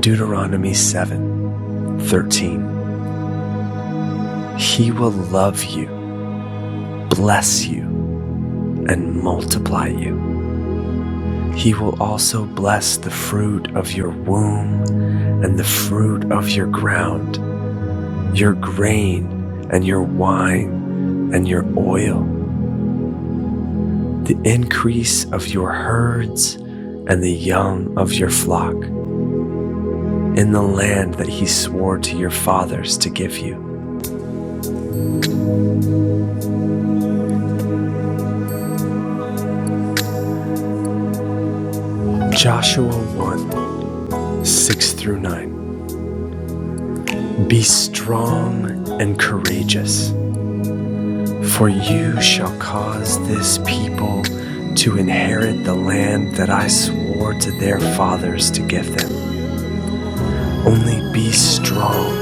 Deuteronomy 7 13, He will love you, bless you, and multiply you. He will also bless the fruit of your womb and the fruit of your ground, your grain and your wine and your oil, the increase of your herds and the young of your flock, in the land that he swore to your fathers to give you. Joshua 1 6 through 9. Be strong and courageous, for you shall cause this people to inherit the land that I swore to their fathers to give them. Only be strong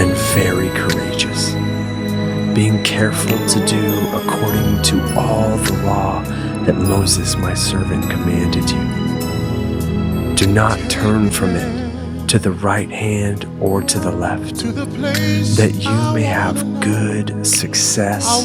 and very courageous, being careful to do according to all the law that Moses my servant commanded you. Do not turn from it to the right hand or to the left, that you may have good success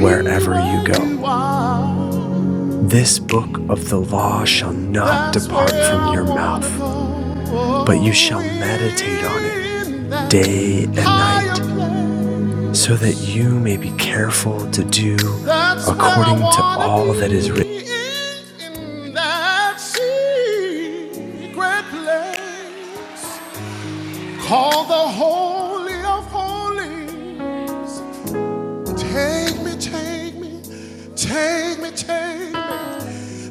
wherever you go. This book of the law shall not depart from your mouth, but you shall meditate on it day and night, so that you may be careful to do according to all that is written. in that secret place called the Holy of Holies. Take me, take me, take me, take me,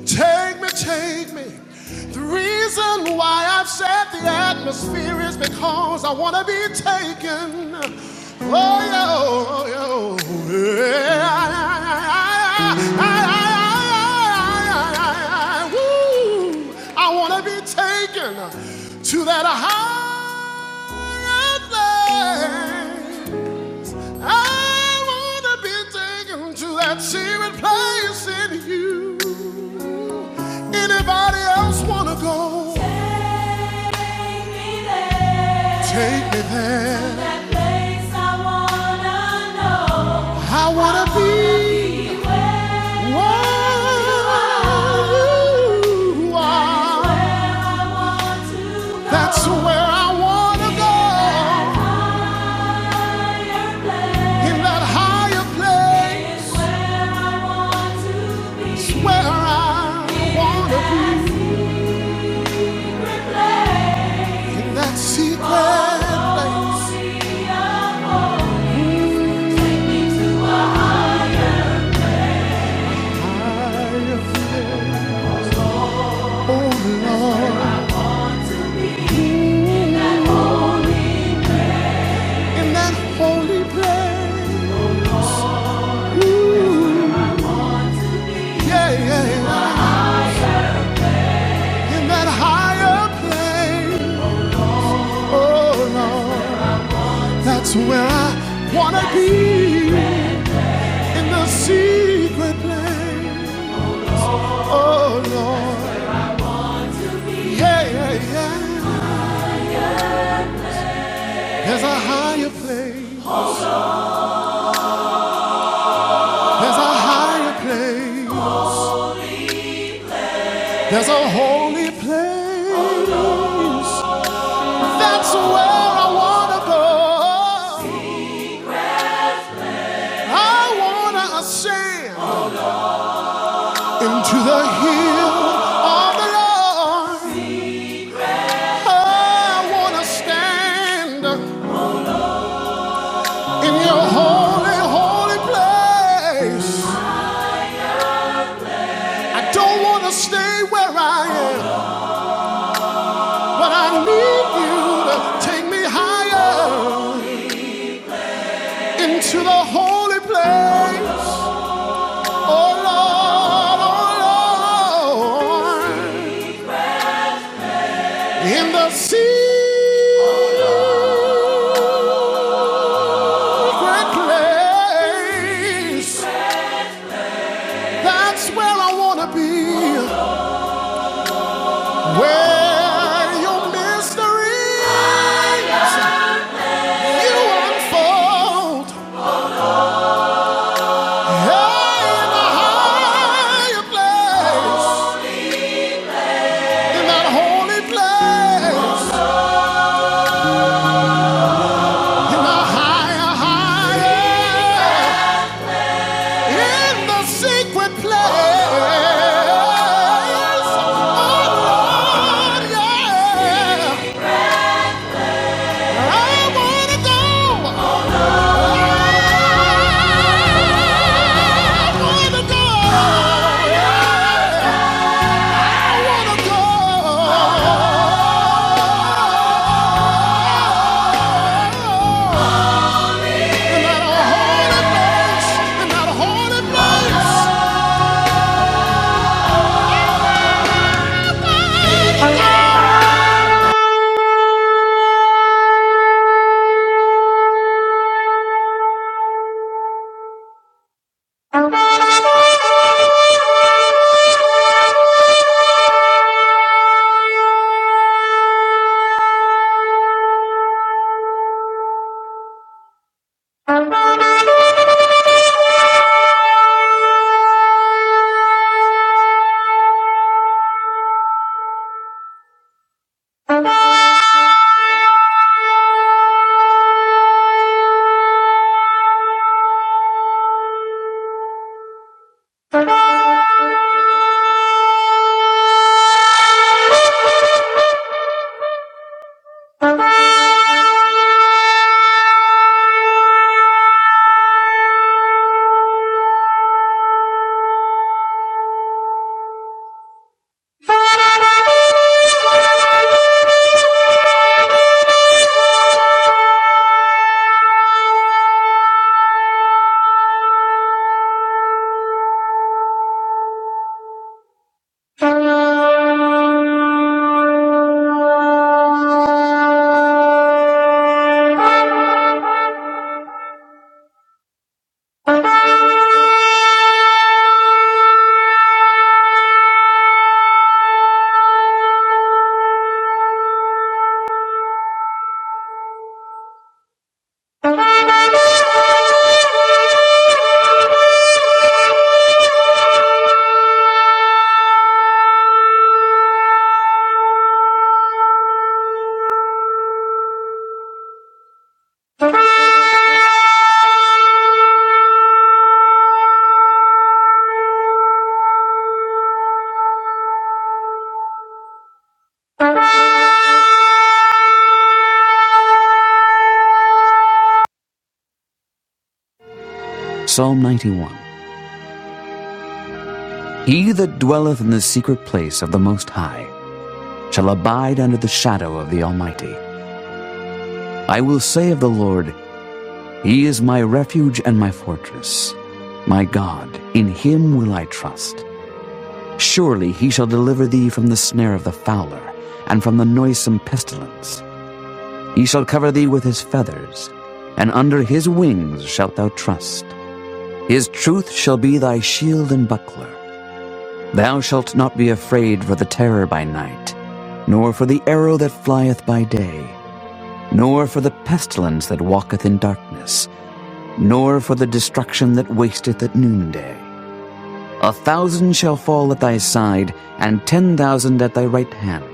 take me, take me. The reason why I've set the atmosphere is because I want to be taken. Oh, yeah, oh, yeah. I I, I, I, I, I, I, I, woo. I want to be taken to that higher thing. I wanna be taken to that secret place in you. Anybody else wanna go? Take me there. Take me there. To that place I wanna know. I wanna, I wanna be. be where you are. That's where I wanna go. In that higher place. It's where I wanna be in that secret place. I feel alone in that holy place. Ooh, yeah, yeah, yeah. in that higher place. Oh Lord, that's where I wanna be in the secret place. Oh Lord, yeah, yeah, yeah. There's a higher place. There's a higher place. There's a holy place. That's where I wanna go. I wanna ascend into the hill of the Lord. I wanna stand in your holy, holy place. I don't wanna stay where I am, but I need you to take me higher. into the holy place. Oh Lord, oh Lord, in the secret place. That's where I want to be, where your mysteries you unfold. Hey, in the higher place, in that holy place. higher, higher in the secret place. Oh, Lord, yeah. I wanna go. I wanna go. Yeah. I wanna go. In that holy place, in that holy place. Thank you. Thank you. He that dwelleth in the secret place of the Most High shall abide under the shadow of the Almighty. I will say of the Lord, He is my refuge and my fortress, my God. In him will I trust. Surely he shall deliver thee from the snare of the fowler and from the noisome pestilence. He shall cover thee with his feathers, and under his wings shalt thou trust. His truth shall be thy shield and buckler. Thou shalt not be afraid for the terror by night, nor for the arrow that flieth by day, nor for the pestilence that walketh in darkness nor for the destruction that wasteth at noonday. A thousand shall fall at thy side, and ten thousand at thy right hand,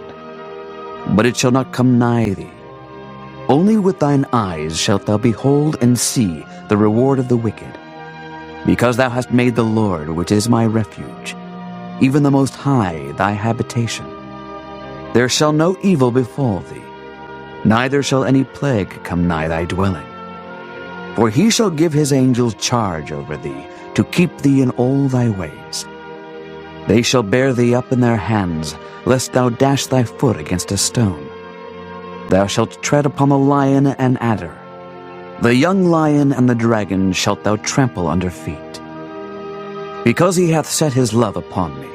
but it shall not come nigh thee. Only with thine eyes shalt thou behold and see the reward of the wicked, because thou hast made the Lord, which is my refuge, even the Most High, thy habitation. There shall no evil befall thee, neither shall any plague come nigh thy dwelling. For he shall give his angels charge over thee, to keep thee in all thy ways. They shall bear thee up in their hands, lest thou dash thy foot against a stone. Thou shalt tread upon the lion and adder. The young lion and the dragon shalt thou trample under feet. Because he hath set his love upon me,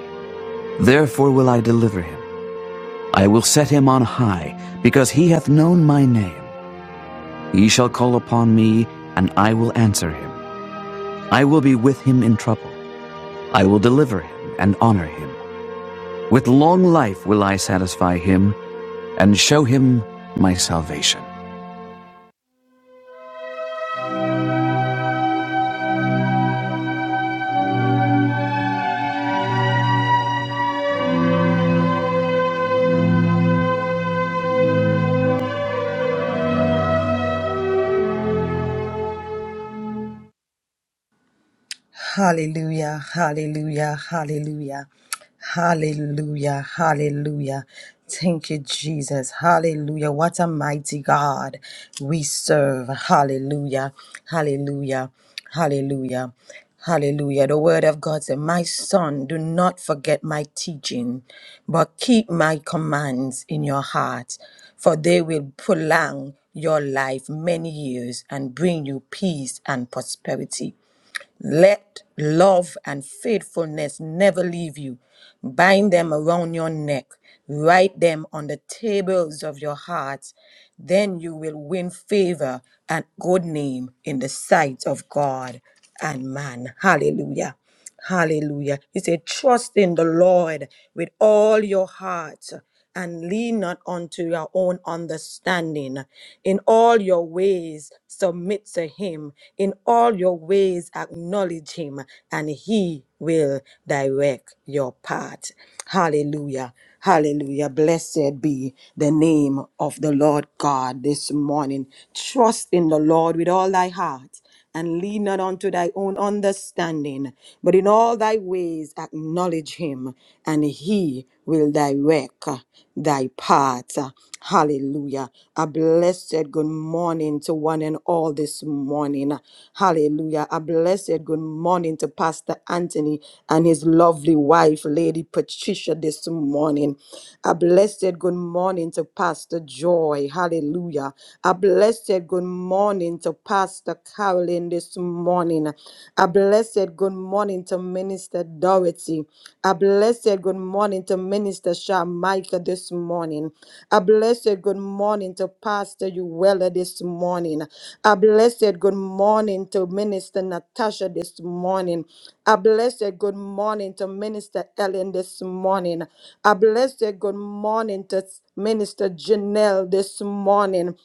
therefore will I deliver him. I will set him on high, because he hath known my name. He shall call upon me, and I will answer him. I will be with him in trouble. I will deliver him and honor him. With long life will I satisfy him and show him my salvation. Hallelujah, hallelujah, hallelujah, hallelujah, hallelujah. Thank you, Jesus. Hallelujah. What a mighty God we serve. Hallelujah, hallelujah, hallelujah, hallelujah. The word of God said, My son, do not forget my teaching, but keep my commands in your heart, for they will prolong your life many years and bring you peace and prosperity. Let love and faithfulness never leave you. Bind them around your neck. Write them on the tables of your hearts. Then you will win favor and good name in the sight of God and man. Hallelujah. Hallelujah. He said, Trust in the Lord with all your heart and lean not unto your own understanding. In all your ways, submit to him. In all your ways, acknowledge him, and he will direct your path. Hallelujah. Hallelujah. Blessed be the name of the Lord God this morning. Trust in the Lord with all thy heart and lean not unto thy own understanding, but in all thy ways acknowledge him, and he will direct uh, thy path. Hallelujah. A blessed good morning to one and all this morning. Hallelujah. A blessed good morning to Pastor Anthony and his lovely wife, Lady Patricia, this morning. A blessed good morning to Pastor Joy. Hallelujah. A blessed good morning to Pastor Carolyn this morning. A blessed good morning to Minister Dorothy. A blessed good morning to Minister Shamika this morning. I bless you. Good morning to Pastor Uwella this morning. I bless you. Good morning to Minister Natasha this morning. I bless you. Good morning to Minister Ellen this morning. I bless you. Good morning to Minister Janelle this morning.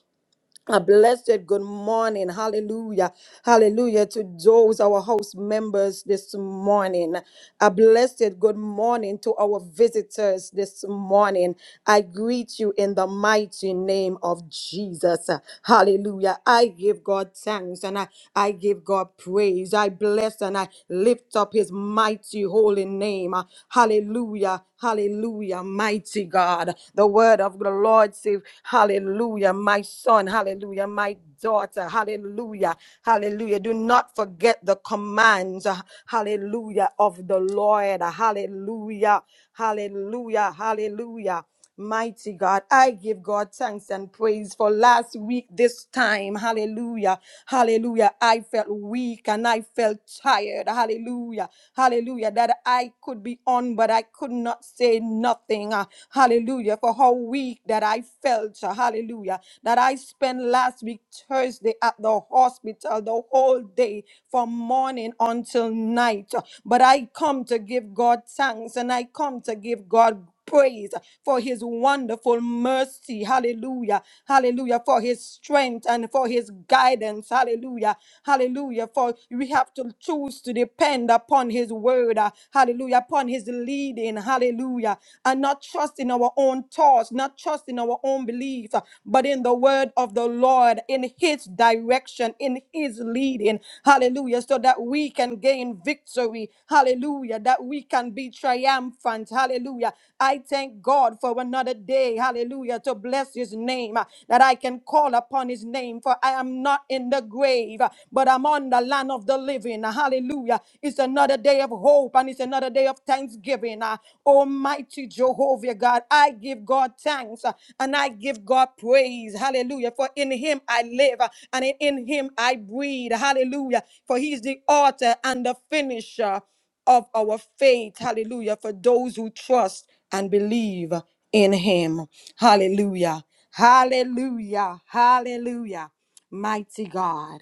A blessed good morning. Hallelujah. Hallelujah to those our house members this morning. A blessed good morning to our visitors this morning. I greet you in the mighty name of Jesus. Hallelujah. I give God thanks and I, I give God praise. I bless and I lift up his mighty holy name. Hallelujah. Hallelujah. Mighty God. The word of the Lord. Lord say, Hallelujah, my son, hallelujah, my daughter, hallelujah, hallelujah. Do not forget the commands, uh, hallelujah, of the Lord, uh, hallelujah, hallelujah, hallelujah. Mighty God, I give God thanks and praise for last week, this time. Hallelujah. Hallelujah. I felt weak and I felt tired. Hallelujah. Hallelujah. That I could be on, but I could not say nothing nothing. uh, Hallelujah. For how weak that I felt. uh, Hallelujah. That I spent last week, Thursday, at the hospital the whole day from morning until night. uh, But I come to give God thanks and I come to give God praise for his wonderful mercy. Hallelujah. Hallelujah. For his strength and for his guidance. Hallelujah. Hallelujah. For we have to choose to depend upon his word. uh, Hallelujah. Upon his leading. Hallelujah. And not trust in our own thoughts, not trust in our own belief, uh, but in the word of the Lord, in his direction, in his is leading. Hallelujah. So that we can gain victory. Hallelujah. That we can be triumphant. Hallelujah. I thank God for another day. Hallelujah. To bless his name. uh, That I can call upon his name. For I am not in the grave, uh, but I'm on the land of the living. Hallelujah. It's another day of hope and it's another day of thanksgiving. Uh, Almighty Jehovah God. I give God thanks uh, and I give God praise. Hallelujah. For in him I live uh, and in him I breathe. Hallelujah. For he's the author and the finisher of our faith. Hallelujah. For those who trust and believe in him. Hallelujah. Hallelujah. Hallelujah. Mighty God.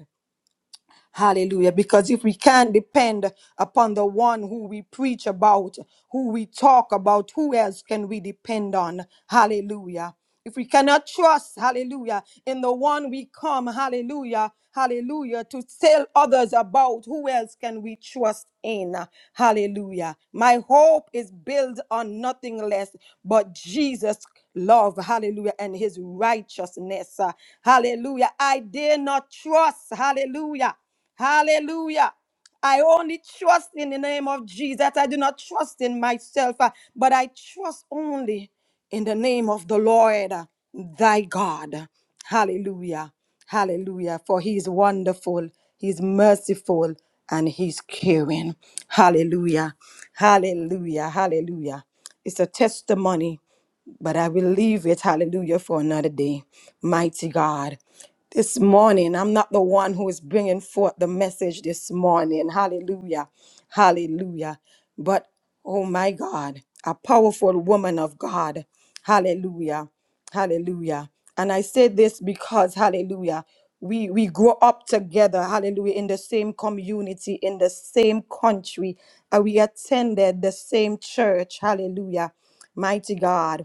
Hallelujah. Because if we can't depend upon the one who we preach about, who we talk about, who else can we depend on? Hallelujah. If we cannot trust, hallelujah, in the one we come, hallelujah, hallelujah, to tell others about, who else can we trust in? Hallelujah. My hope is built on nothing less but Jesus' love, hallelujah, and his righteousness. Hallelujah. I dare not trust, hallelujah. Hallelujah. I only trust in the name of Jesus. I do not trust in myself, uh, but I trust only in the name of the Lord, uh, thy God. Hallelujah. Hallelujah. For he is wonderful, he is merciful, and he's caring. Hallelujah. Hallelujah. Hallelujah. It's a testimony. But I will leave it, hallelujah, for another day. Mighty God. This morning, I'm not the one who is bringing forth the message this morning. Hallelujah. Hallelujah. But, oh my God, a powerful woman of God. Hallelujah. Hallelujah. And I say this because, hallelujah, we, we grow up together, hallelujah, in the same community, in the same country. And we attended the same church. Hallelujah. Mighty God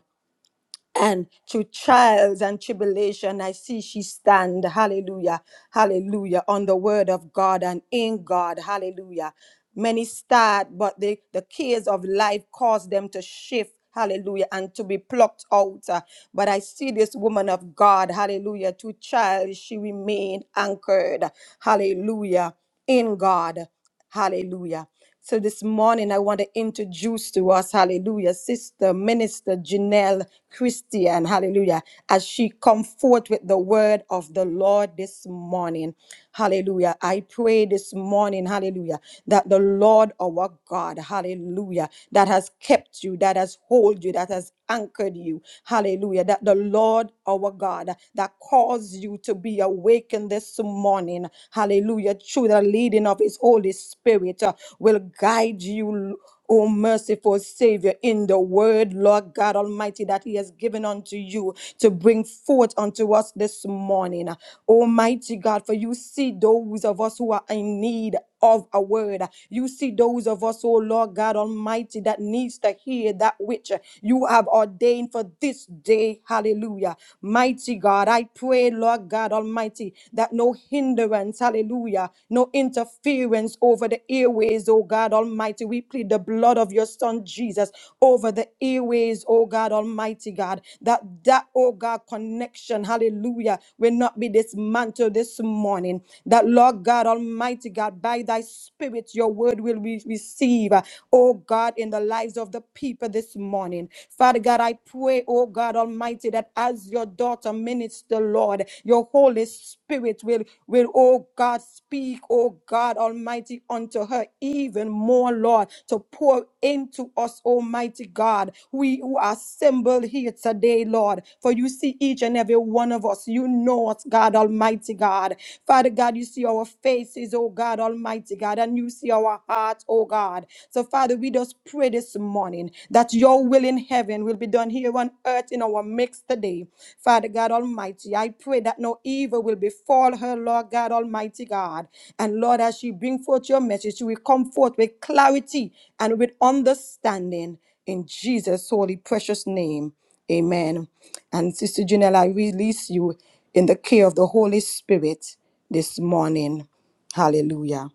and through trials and tribulation, I see she stand. Hallelujah. Hallelujah. On the word of God and in God. Hallelujah. Many start, but the, the cares of life cause them to shift. Hallelujah. And to be plucked out. Uh, But I see this woman of God. Hallelujah. To trials she remained anchored. Hallelujah. In God. Hallelujah. So this morning, I want to introduce to us, hallelujah, Sister Minister Janelle Christian, hallelujah, as she come forth with the word of the Lord this morning. Hallelujah. I pray this morning, hallelujah, that the Lord our God, hallelujah, that has kept you, that has hold you, that has anchored you. Hallelujah. That the Lord our God that caused you to be awakened this morning. Hallelujah. Through the leading of his Holy Spirit uh, will guide you. O merciful Savior, in the word, Lord God Almighty, that He has given unto you to bring forth unto us this morning. Almighty God, for you see those of us who are in need of a word. You see those of us, oh Lord God Almighty, that needs to hear that which you have ordained for this day. Hallelujah. Mighty God, I pray, Lord God Almighty, that no hindrance, hallelujah, no interference over the airways, oh God Almighty. We plead the blood of your Son Jesus over the airways, oh God Almighty God, that that, oh God, connection, hallelujah, will not be dismantled this morning. That, Lord God Almighty God, by by thy spirit, your word will be received, oh God, in the lives of the people this morning. Father God, I pray, oh God Almighty, that as your daughter minister, Lord, your Holy Spirit will, will, oh God, speak, oh God Almighty, unto her even more, Lord, to pour into us, Almighty God, we who are assembled here today, Lord. For you see each and every one of us. You know us, God Almighty God. Father God, you see our faces, oh God Almighty mighty God, and you see our hearts, oh God. So, Father, we just pray this morning that your will in heaven will be done here on earth in our midst today. Father God Almighty, I pray that no evil will befall her, Lord God Almighty God. And Lord, as she bring forth your message, she will come forth with clarity and with understanding in Jesus' holy precious name. Amen. And Sister Janelle, I release you in the care of the Holy Spirit this morning. Hallelujah.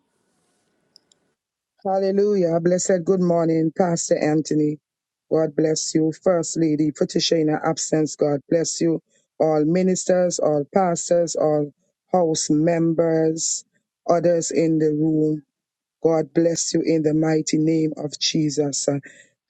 Hallelujah. Blessed good morning, Pastor Anthony. God bless you. First Lady Patricia in her absence, God bless you. All ministers, all pastors, all house members, others in the room. God bless you in the mighty name of Jesus. Uh,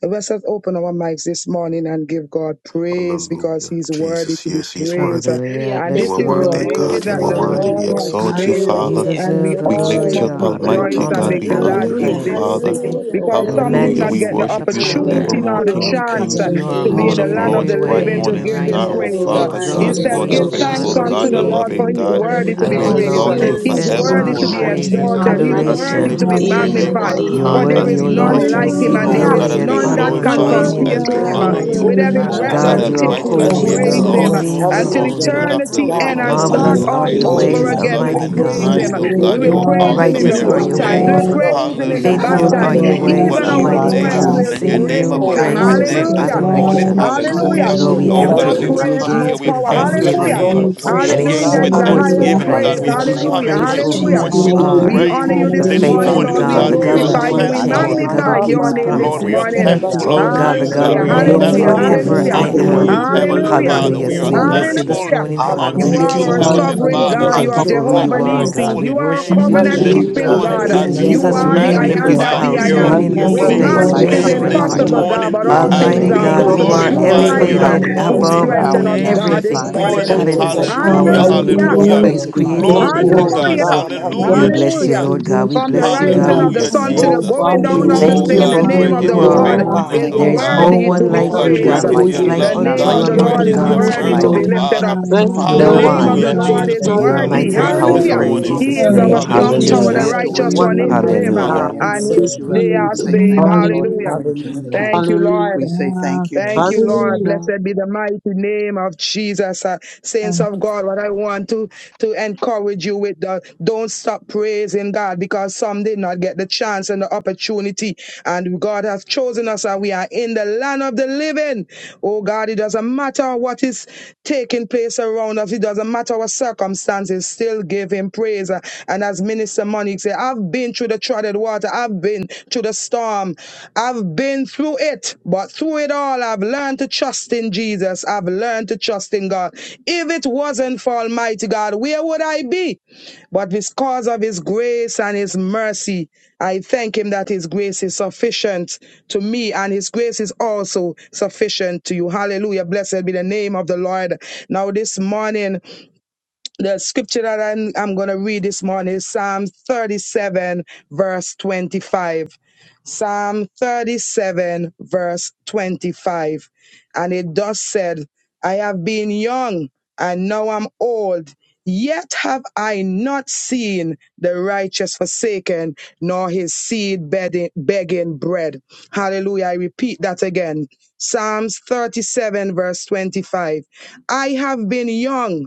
Let us open our mics this morning and give God praise because Hallelujah. He's worthy Jesus, to be yes, He's praised. Uh, worthy. Hallelujah. Hallelujah. And this Bless You Thank the are you, is the Lord. worthy, Lord. Oh, day Bless we God. the Hallelujah, that You are praise the your worthy. Lord. name, We Lord hallelujah, has Lord. We exalt you, thank made, you, hallelujah. uh, You Father. Thank Lord, Hallelujah. and you, for we deserve the Thank We another you, Jesus. all glory, lift day, Jesus. you must up, another God, and Oh, the Almighty rejoice morning. and mighty God. honor be We and Hallelujah. the God, honor glad you, Hallelujah. in We this thank praise hallelujah. Father. you, day Um, Thank Lord, you, Hallelujah. for Lord because and the what God some did Hallelujah. not Hallelujah. you We get majesty Almighty. the and the worship you oh, will Hallelujah. power. opportunity Screaming see Oh, and forevermore, nor the King through us God, all of chance uh, Kings, today, You things hallelujah, are to you Lord. be in Angel, have Lord the holy of in land hallelujah, of come every Lords, the to Hallelujah. bright way living know and hallelujah. to the morning you're give I Him Lord, star. Oh, Oh, love righteous. Thank praise. We you, you, Lord, Uh, Father Lord. we are I God, exalt you your Jesus. you are Instead, thee, the worship O give You you are servants. this God, thanks faithful our washing, good, unto God, the you the are Hallelujah. morning. Lord King for loving We good, He receiving, is you God. are will worthy good, to and And you Hallelujah. be anything I we our are of give follow you good, praised. Lord. exalt God, you We you are you He's thanks, O good, oh send Excellent Lord worthy God. you forevermore, wholeheartedly, to is be God, Lord your Lord. praise and Oh, Jesus for exalted. name. we He's thank another as you, we Hallelujah, worthy Lord. due to adoration. lift be Praise up mighty Oh, day, your God. thank name another you, on magnified. Hallelujah, day You Lord, are that Jehovah. For high, you there Hallelujah. for have as worthy, is O we this hallelujah, none made. Lord, bless to like moment. you, Thank him, Thank you, receive and you, oh there Hallelujah. hallelujah. is Lord, God, glory as and we Hallelujah. I none for, Jesus. will that honor and can Your glorify you, rejoice word, dominion and oh, compare be as and to we just God, him. glad honor in Praise your power. the your Lord, it. you, word, With the grace every name of and oh your breath God. matchless God that God, we you name mercy. are take, of Jesus. Hallelujah. we Almighty, Thank will as Thank holy, we you, Jesus. you, you are praise Thank you, Lord. him Hallelujah. exalt Jesus. holy, you, you are Jesus. until oh Oh, Hallelujah, holy. Spirit of the mighty eternity Hallelujah. always, living end God. and God, Lord, start you Thank always Marvelous Hallelujah. are Hallelujah, are you, all being your faithful, Father, Jesus. with We we over ways, us, true, Jesus. give again. We Lord. loving, you magnify will Almighty you and this glory. praise God. You Oh, We him. kind, morning. We oh thank give you, give still you We you God, you will are Lord. glory. glory. We praise God. Lord, him give We awesome in You you in the Righteous give you are every Hallelujah. good glory. your honor. still such We Thank Thank times. you, an way. give you, We you ways, will God. Lord. Lord. awesome Lord, praise. we praise him give We in God. the you Hallelujah. bad Hallelujah. faithful magnify glory. are times. your Blessed Lord, your be Oh, we name we your Hallelujah, give ways, you Even because praise you Hallelujah. our you, wonderful Almighty are praise, the oh Lord. name God. lowest true We hallelujah. will God. and your Great and sing the Hallelujah. name is you your living praise Oh, above him. God every this Father, You Oh, praises we we and morning. name faithfulness still lift this bless Hallelujah. up Worthy are your towards Thank you you, you, morning. us for name, adoration. God. Lord. this Lord. waking us up Jesus. morning, Hallelujah. We this Hallelujah. You are Lord, morning King we Lord. good. Oh Hallelujah. of glorify giving God, enter More us as your we the glory. have into name, your right You praise, come are mind, here, more gates Jesus. we have with Blessed power. be Father, your to good. Thank all We entered you, serve holy Hallelujah. honor, thanksgiving you, Thank all in name to you, exalt want Lord. you, to Jesus. your and oh chase into gates praise. God, your Hallelujah after forevermore. in is with Hallelujah. the the you. courts beauty of with highest Hallelujah. And Hallelujah. thanksgiving, if Father, praise. you God. praise. We We in have holiness, the will oh give Hallelujah. you be name God the come Hallelujah. of Thank into great praise Thank of your you. you, for Jesus, we Almighty. who Thank Hallelujah. God. courts you, bless Jesus. you you with We Lord. give today. We are, you Hallelujah. praise. honor Thank We you glory. Hallelujah, you, the this Thank We bless This you, you, give Jesus. Lord. morning, you faithful Hallelujah. Father, Jesus. Lord. morning, We glory. God, today. God, the We Hallelujah. We we Thank God give are who you, you Hallelujah, bless glorify you, my you. never Lord. We God, glory. Thank God, changes, thankful you, the today. Glory my God to Lord. who Hallelujah. magnify your God. Ha, We keeps ma, your My name, name ko Ah, my God. this Lord, kosi, magnify Oh, we are you promises. we Thank Jesus. you, morning. Thank today, yandaraba, Holy bless you, God, thankful you, Oh Spirit. unto Lord. because God, yandarabo, the you, you Jesus. si, and God who God. you Hallelujah. We are alone You are remains Hallelujah. are Glory, worthy thankful Hallelujah. of worthy. forever Hallelujah. Thank yandarabarabakosi, the glory, I Mighty you, You're unto Hallelujah. ya. glory. Lord. glory, God, worthy, you, am. you're your glory, Thank Heavenly worthy, you, Lord, you're Hallelujah. glory, Father. Hallelujah. worthy We Lord. So Jesus. are to we be glory. Thank Hallelujah. you, bless you Jesus. Hallelujah. praised. this Thank thankful Hallelujah. you, morning, Jesus, Father. We You unto Thank Hallelujah, Hallelujah. loving you, lift you, are King Your our you of God, up. I your Lord. Heavenly grace Kings. and praise sovereign high, your Lord. We Father, you. God. You as mercy, thank are you we O for who Hallelujah, God merciful you bless Jehovah Lord of are, your Hallelujah. God. Lords. God. Nissi. We Almighty. holy You are a worship name And you, we And covenant Because you Mm. Hallelujah. King. thank are this you, you Hallelujah. all keeping and Jesus, God, Thank morning, Bless I God. the you, you, bless King as you Lord. Lord things. Hallelujah. and we worship you, You God Jesus, God, are the reign Hallelujah. glorify I you, oh in and am you Almighty, this God. that magnify honor thought the it house, for King You I of your I reign you. Hallelujah. am. in your You this Kings With are magnify gave and holy all holy us man, space, Lord your Hallelujah. of reign it life Hallelujah. is in and matchless things. name every name breath Lords. this name. to this Hallelujah. heart. you. impossible, Jesus. Lord, morning. God, thank morning, but you, You In Hallelujah. all Thank the Lord. you, as things Almighty name deserve Lift are the of we God, Thank Jehovah you up, you, you Hallelujah, possible my Jesus, are glory. through Jireh, Thank Father, God, glorify Jesus. my you, Christ your God. uh, how Hallelujah. Lord. elevated provider. Hallelujah. we hallelujah, who adore Mighty holy you, above Hallelujah. how strengthen Thank we God. us, Thank you, you, name God, hallelujah. Jesus. this this everything, Jesus, magnify Thank Thank our you, you, your morning. morning. Lord. Thank holy, you, Jesus. Lord, principalities God, and holy, Oh, holy Hallelujah. Hallelujah, Hallelujah. powers, and the and Thank name. we you, we Hallelujah. give Hallelujah. you price hallelujah. Thank for praise, you, us. worship Hallelujah. peace. Thank Father, creator you, for you, of Thank the Glory you, Hallelujah. being Hallelujah. to Lord. Lord Oh there. of God. Thank universe. Hallelujah. you Jesus. Lord. for God. never We Thank Just We Hallelujah, you, leaving nor Hallelujah. bless worship you, Hallelujah. forsaking Jesus. you, Lord us. Jesus. for God. We From the worship bless Thank you, you, you. God. Thank rising We God, Glory you, of tonight. the to Hallelujah, bless sun to you. God. the Oh, Jesus. Jesus. going Hallelujah. Father, because Thank We you, you down are we of the the Thank Oh thank King you Hallelujah, of same, bless the for God, Kings your and Jesus. who the name great of Lord is the you name of your this you, Lords. Oh Lord are. hallelujah. Lord. faithfulness, morning. is God. Thank oh There you, Oh is God. no Oh, God. Hallelujah. worthy God, to God, one be Oh like Praise Father, you, thank God, There's we God. you praised. God, for none give great Thank who your you is Amen. like your is you. Halle- like thanks. The goodness. There's love, none We unto name give you of like Thank God. the you. you among for the Great Lord There's you is your is your none gods, my O worthy mercy, to like mercy, be God, Lord. Lord. my you. you, lifted up. Father. Jesus. God, So, Thank my Father, you, The we No Thank Jesus. just Lord you, God, honor. name want to of my one. Thank the Hallelujah, Lord. bless you Jesus Lord God, Jesus. is We my today. You Christ, We are for worthy. And the this mighty God. and Jesus. praise is celebrate you. you the power We of day this Thank Hallelujah. powerful that you, in you praise you. morning. have Hallelujah. He We Jesus' is Jesus. made, good Thank our name. O praise Thank you, you. Thank you, God. you, strong Hallelujah, Jesus. tower, Jesus. the Jesus. We Jesus. Hallelujah. adore righteous Jesus. you What one and a we into him, mighty Hallelujah. magnify Hallelujah. God you and we we Hallelujah. and his, This lift serve. Thank you up they you, and are we Lord. Hallelujah. Jesus. say, saved. Thank you, Lord of Hallelujah. Hallelujah. Lords, Thank you, King of Hallelujah. Lord. Thank Kings. you, Hallelujah. Lord. We say, Ah, Thank you, Thank Praise you, Jesus. Lord. God. Hallelujah. Blessed be the mighty name of Jesus. Uh, yeah. saints of God, what I want to, to encourage you with the don't stop praising God because some did not get the chance and the opportunity. And God has chosen us and we are in the land of the living. Oh God, it doesn't matter what is taking place around us. It doesn't matter what circumstances. Still give him praise. Uh, And as Minister Monique said, I've been through the the trodden water. I've been through the storm. I've been through it, but through it all, I've learned to trust in Jesus. I've learned to trust in God. If it wasn't for Almighty God, where would I be? But because of His grace and His mercy, I thank Him that His grace is sufficient to me, and His grace is also sufficient to you. Hallelujah. Blessed be the name of the Lord. Now, this morning, the scripture that I'm, I'm going to read this morning is Psalm 37, verse 25. Psalm 37, verse 25. And it thus said, I have been young and now I'm old, yet have I not seen the righteous forsaken, nor his seed bedding- begging bread. Hallelujah. I repeat that again. Psalms 37, verse 25. I have been young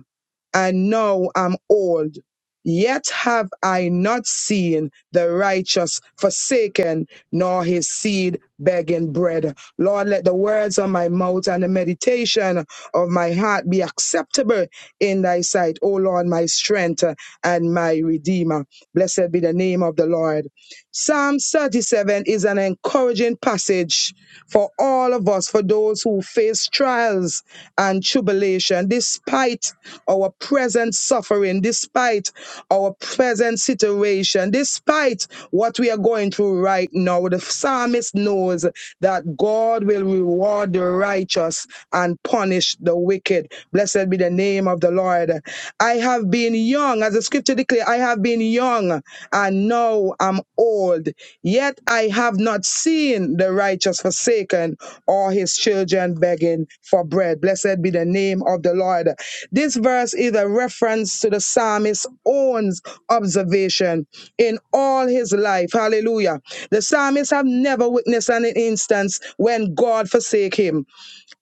and now am old. Yet have I not seen the righteous forsaken, nor his seed begging bread. Lord, let the words of my mouth and the meditation of my heart be acceptable in thy sight, O Lord, my strength and my redeemer. Blessed be the name of the Lord. Psalm 37 is an encouraging passage for all of us, for those who face trials and tribulation, despite our present suffering, despite our present situation, despite what we are going through right now. The psalmist knows that God will reward the righteous and punish the wicked. Blessed be the name of the Lord. I have been young, as the scripture declares, I have been young and now I'm old. Yet I have not seen the righteous forsaken or his children begging for bread. Blessed be the name of the Lord. This verse is a reference to the psalmist's own observation in all his life. Hallelujah. The psalmist have never witnessed an instance when God forsake him.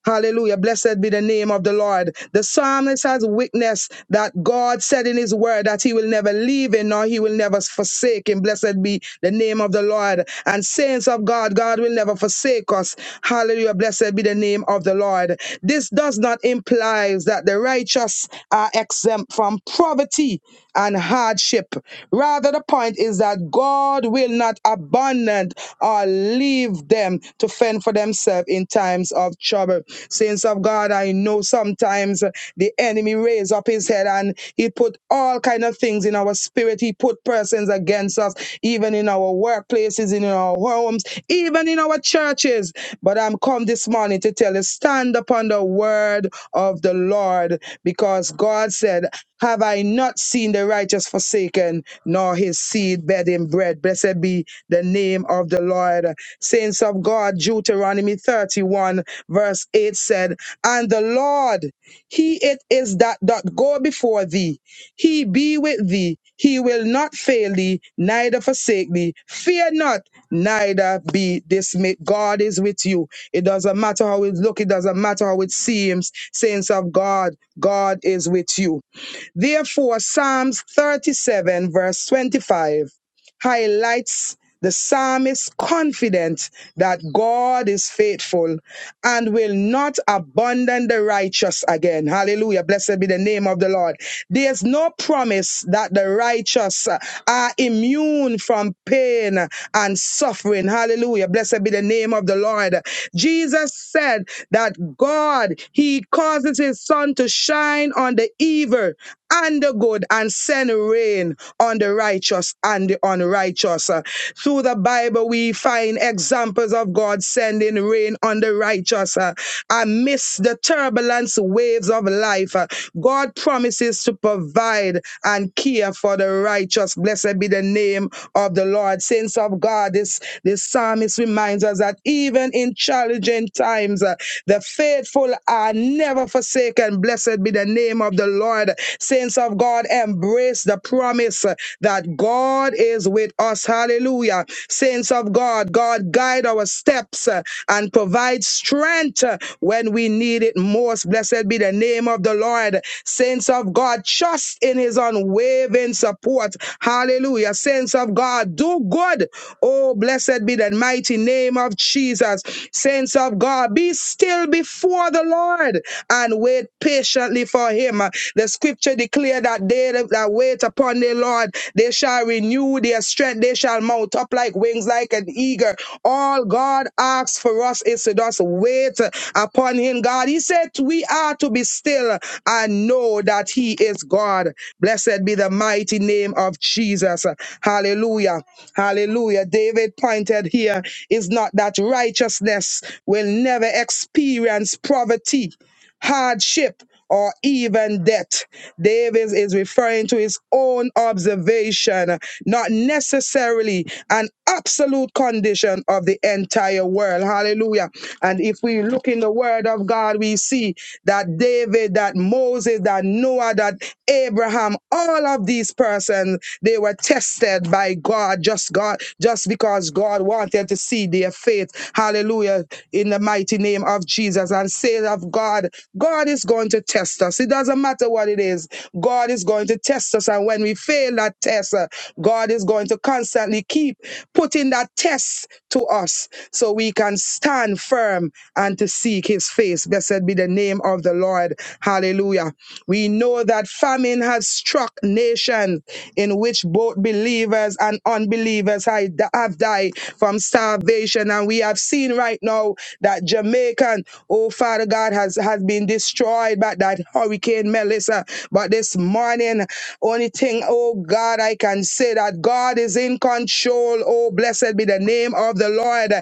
Hallelujah. Blessed be the name of the Lord. The psalmist has witnessed that God said in his word that he will never leave him nor he will never forsake him. Blessed be the name of the Lord. And saints of God, God will never forsake us. Hallelujah. Blessed be the name of the Lord. This does not imply that the righteous are exempt from poverty and hardship. Rather, the point is that God will not abandon or leave them to fend for themselves in times of trouble. Saints of God, I know sometimes the enemy raise up his head and he put all kind of things in our spirit. He put persons against us even in our workplaces, in our homes, even in our churches. But I'm come this morning to tell you stand upon the word of the Lord because God said, Have I not seen the righteous forsaken, nor his seed begging bread? Blessed be the name of the Lord. Saints of God, Deuteronomy 31, verse 8 said, And the Lord, he it is that doth go before thee he be with thee. He will not fail thee, neither forsake thee. Fear not, neither be dismayed. God is with you. It doesn't matter how it look. It doesn't matter how it seems. Saints of God, God is with you. Therefore, Psalms 37, verse 25, highlights the psalmist confident that God is faithful and will not abandon the righteous again. Hallelujah. Blessed be the name of the Lord. There's no promise that the righteous are immune from pain and suffering. Hallelujah. Blessed be the name of the Lord. Jesus said that God, He causes His sun to shine on the evil and the good and send rain on the righteous and the unrighteous. Uh, Through the Bible, we find examples of God sending rain on the righteous uh, amidst the turbulence waves of life. Uh, God promises to provide and care for the righteous. Blessed be the name of the Lord. Saints of God, this, this psalmist reminds us that even in challenging times, uh, the faithful are never forsaken. Blessed be the name name of the Lord. Saints of God, embrace the promise that God is with us. Hallelujah. Saints of God, God guide our steps uh, and provide strength uh, when we need it most. Blessed be the name of the Lord. Saints of God, trust in his unwavering support. Hallelujah. Saints of God, do good. Oh, blessed be the mighty name of Jesus. Saints of God, be still before the Lord and wait patiently for him. The scripture declare that they that wait upon the Lord, they shall renew their strength, they shall mount up like wings, like an eagle. All God asks for us is to just wait upon him, God. He said we are to be still and know that he is God. Blessed be the mighty name of Jesus. Hallelujah. Hallelujah. David pointed here is not that righteousness will never experience poverty hardship, or even death. Davis is referring to his own observation, not necessarily an absolute condition of the entire world. Hallelujah. And if we look in the word of God, we see that David, that Moses, that Noah, that Abraham, all of these persons, they were tested by God, just God, just because God wanted to see their faith. Hallelujah. In the mighty name of Jesus and say of God, God is going to test us. It doesn't matter what it is. God is going to test us. And when we fail that test, uh, God is going to constantly keep putting that test to us so we can stand firm and to seek his face. Blessed be the name of the Lord. Hallelujah. We know that famine has struck nations in which both believers and unbelievers have have died from starvation. And we have have seen right now that Jamaican, oh Father God, has, has been destroyed by that Hurricane Melissa. But this morning, only thing, oh God, I can say that God is in control. Oh, blessed be the name of the Lord.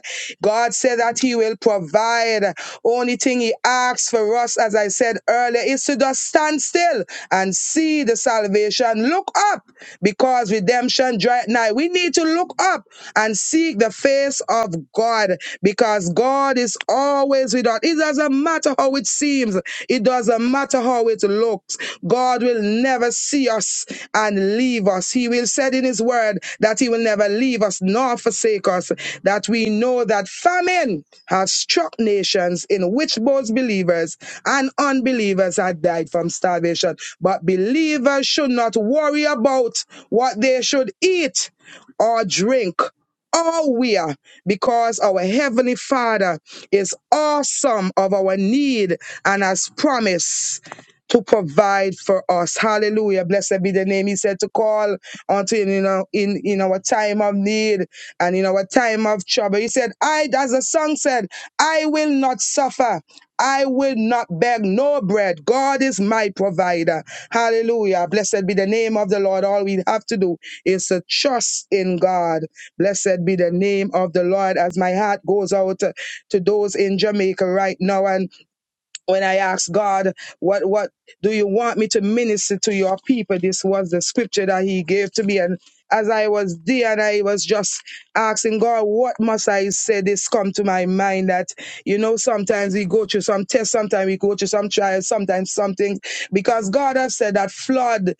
God said that He will provide. Only thing He asks for us, as I said earlier, is to just stand still and see the salvation. Look up because redemption draweth nigh. We need to look up and see Seek the face of God because God is always with us. It doesn't matter how it seems, it doesn't matter how it looks. God will never see us and leave us. He will said in his word that he will never leave us nor forsake us. That we know that famine has struck nations in which both believers and unbelievers had died from starvation. But believers should not worry about what they should eat or drink all we are because our heavenly father is awesome of our need and has promised to provide for us hallelujah blessed be the name he said to call unto him you know in in our time of need and in our time of trouble he said i as the song said i will not suffer I will not beg no bread. God is my provider. Hallelujah. Blessed be the name of the Lord. All we have to do is to trust in God. Blessed be the name of the Lord as my heart goes out uh, to those in Jamaica right now. And when I ask God, what, what do you want me to minister to your people? This was the scripture that he gave to me. And as I was there and I was just asking God, what must I say? This come to my mind that, you know, sometimes we go through some tests, sometimes we go through some trials, sometimes something, because God has said that flood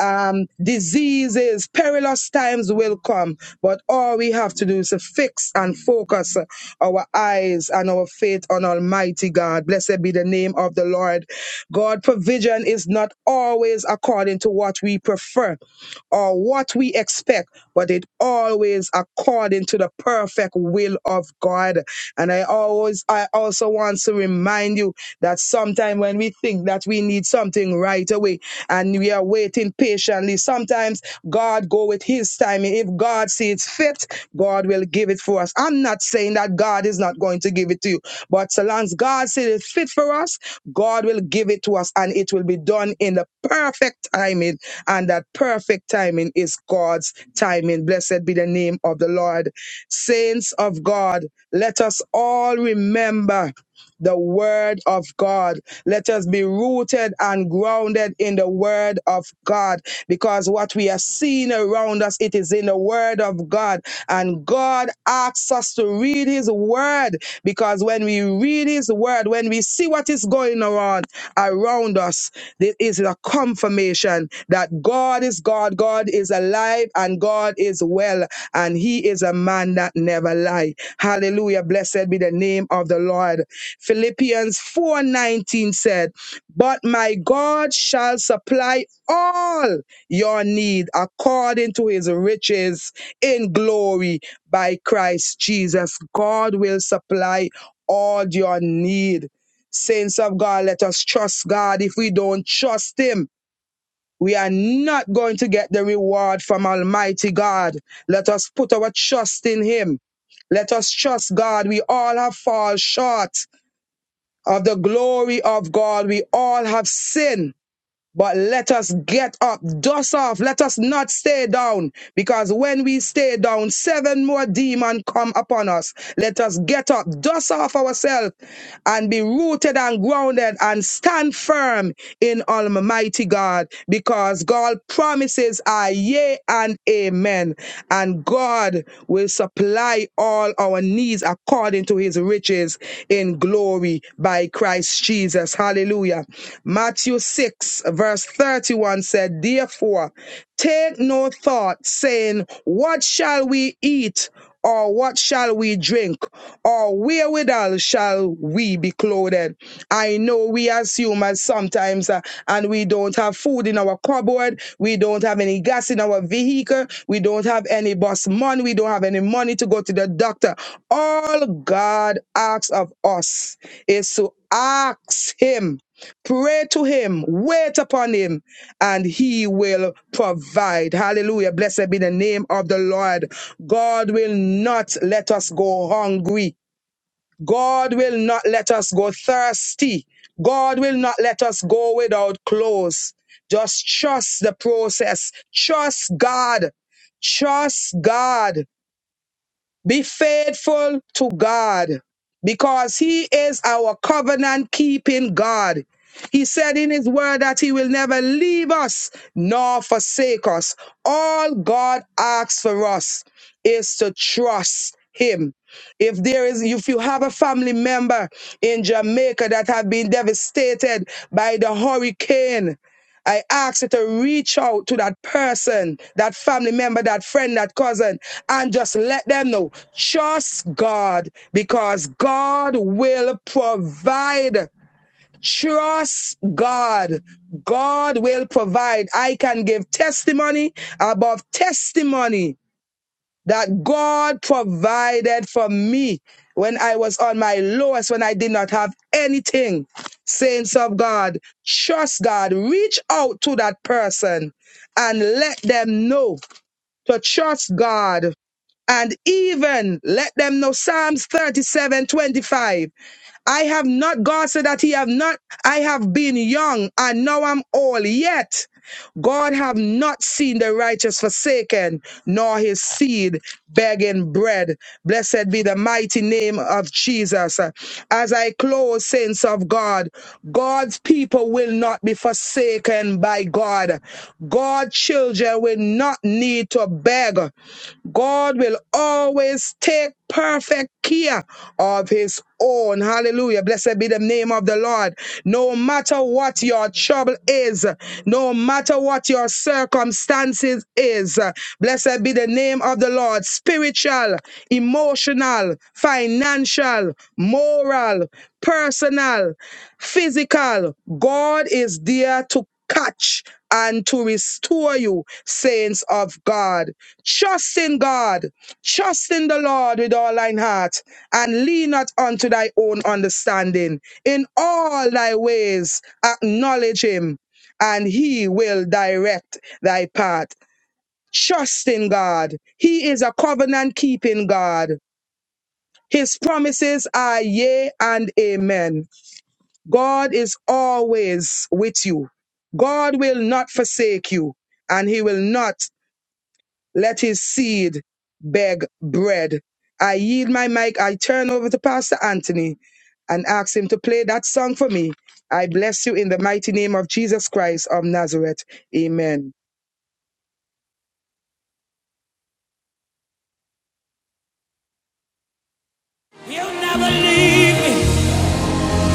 um, diseases, perilous times will come, but all we have to do is to fix and focus our eyes and our faith on Almighty God. Blessed be the name of the Lord. God, provision is not always according to what we prefer or what we expect, but it always according to the perfect will of God. And I always, I also want to remind you that sometimes when we think that we need something right away, and we are waiting patiently. Sometimes God go with his timing. If God sees fit, God will give it for us. I'm not saying that God is not going to give it to you, but so long as God sees it fit for us, God will give it to us and it will be done in the perfect timing. And that perfect timing is God's timing. Blessed be the name of the Lord. Saints of God, let us all remember the word of God let us be rooted and grounded in the word of God because what we have seen around us, it is in the word of God. And God asks us to read his word because when we read his word, when we see what is going on around us, this is a confirmation that God is God, God is alive, and God is well, and he is a man that never lies. Hallelujah. Blessed be the name of the Lord. Philippians 4:19 said, "But my God shall supply all your need according to his riches in glory by Christ Jesus." God will supply all your need. Saints of God, let us trust God. If we don't trust him, we are not going to get the reward from Almighty God. Let us put our trust in him. Let us trust God. We all have fallen short of the glory of God. We all have sinned but let us get up, dust off. Let us not stay down, because when we stay down, seven more demons come upon us. Let us get up, dust off ourselves, and be rooted and grounded, and stand firm in Almighty God, because God promises are yea and amen, and God will supply all our needs according to His riches in glory by Christ Jesus. Hallelujah. Matthew 6, verse 31 said, Therefore, take no thought, saying, What shall we eat? Or what shall we drink? Or wherewithal shall we be clothed? I know we as humans sometimes, uh, and we don't have food in our cupboard. We don't have any gas in our vehicle. We don't have any bus money. We don't have any money to go to the doctor. All God asks of us is to ask Him Pray to him, wait upon him, and he will provide. Hallelujah. Blessed be the name of the Lord. God will not let us go hungry. God will not let us go thirsty. God will not let us go without clothes. Just trust the process. Trust God. Trust God. Be faithful to God because He is our covenant keeping God. He said in His word that He will never leave us nor forsake us. All God asks for us is to trust Him. If there is, if you have a family member in Jamaica that have been devastated by the hurricane, I ask you to reach out to that person, that family member, that friend, that cousin, and just let them know. Trust God because God will provide. Trust God. God will provide. I can give testimony above testimony that God provided for me when I was on my lowest, when I did not have anything. Saints of God, trust God. Reach out to that person and let them know to trust God. And even let them know Psalms 37:25. I have not, God said that He have not, I have been young and now I'm old. Yet God have not seen the righteous forsaken, nor his seed begging bread. Blessed be the mighty name of Jesus. As I close, saints of God, God's people will not be forsaken by God. God's children will not need to beg. God will always take perfect care of his own. Hallelujah. Blessed be the name of the Lord. No matter what your trouble is, no matter what your circumstances is, blessed be the name of the Lord. Spiritual, emotional, financial, moral, personal, physical. God is there to catch and to restore you, saints of God. Trust in God, trust in the Lord with all thine heart, and lean not unto thy own understanding. In all thy ways acknowledge him, and he will direct thy path. Trust in God. He is a covenant keeping God. His promises are yea and amen. God is always with you. God will not forsake you, and he will not let his seed beg bread. I yield my mic. I turn over to Pastor Anthony and ask him to play that song for me. I bless you in the mighty name of Jesus Christ of Nazareth. Amen. He'll never leave me.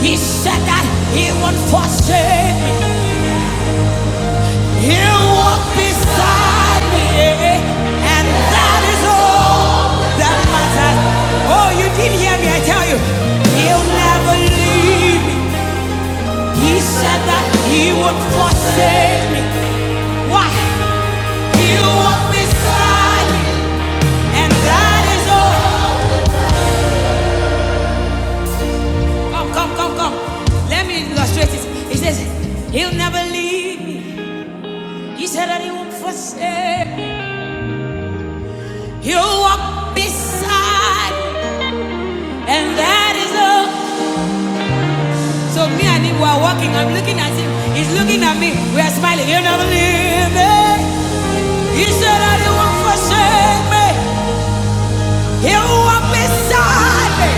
He said that he won't forsake me. He'll walk beside me. And that is all that matters. Oh, you didn't hear me, I tell you. He'll never leave me. He said that he won't forsake me. Why? He'll walk beside me. And that is all. Come, come, come, come. Let me illustrate it. He says, He'll never leave me. He said that He won't forsake. He'll walk beside, me, and that is all. So me and him were walking. I'm looking at him. He's looking at me. We are smiling. He'll never leave me. He said that He won't forsake me. He'll walk beside me,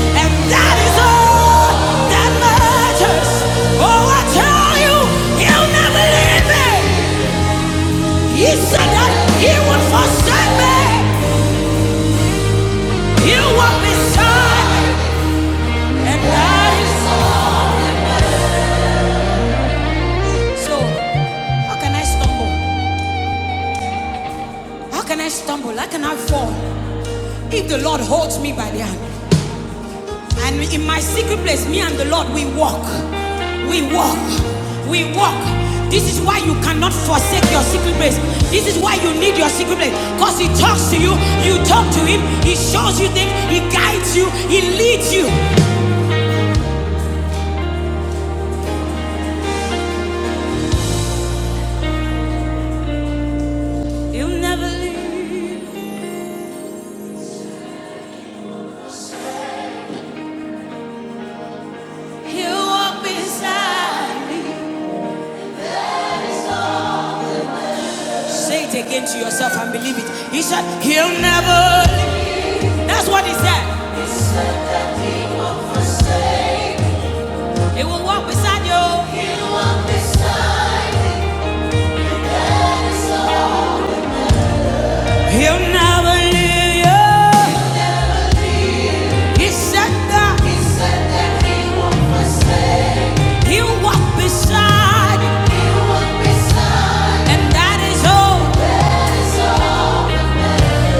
and that is all that matters. Oh, I tell you, He'll never leave me. He said that he would forsake me. He would be sad. And that is all. so. How can I stumble? How can I stumble? How can I fall? If the Lord holds me by the hand. And in my secret place, me and the Lord, we walk. We walk. We walk. This is why you cannot forsake your secret place. This is why you need your secret place. Because He talks to you, you talk to Him, He shows you things, He guides you, He leads you. Say it again to yourself and believe it. He said, He'll never. leave." That's what he said. He said that he won't forsake. He will walk beside you. He'll walk beside you. That is all. He'll never leave you. He said that. He said that he won't forsake. He'll walk beside you. He'll walk beside you. And that is all.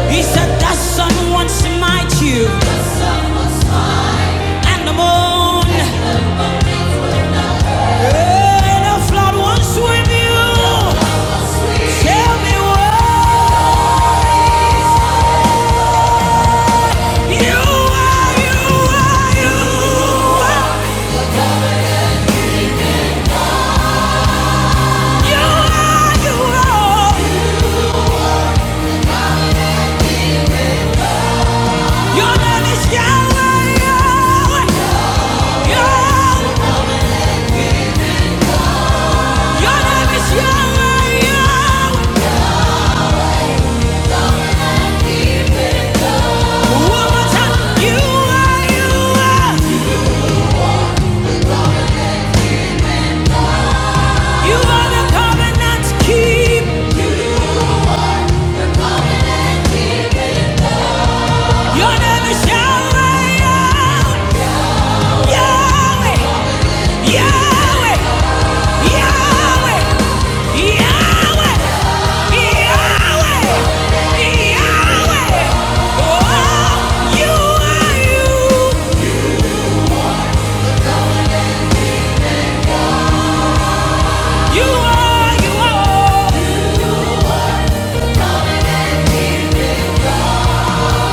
He said the sun wants to smite you, and the moon, and the flood wants to swim you. Tell me what you are, you are, you are, you are, you are. Your name is Yahweh, Yahweh, Yahweh. Your name is Yahweh, Yahweh. One more time, you are, you are, you are the covenant keeper. Your name is Yahweh, Yahweh, Yahweh, Yahweh,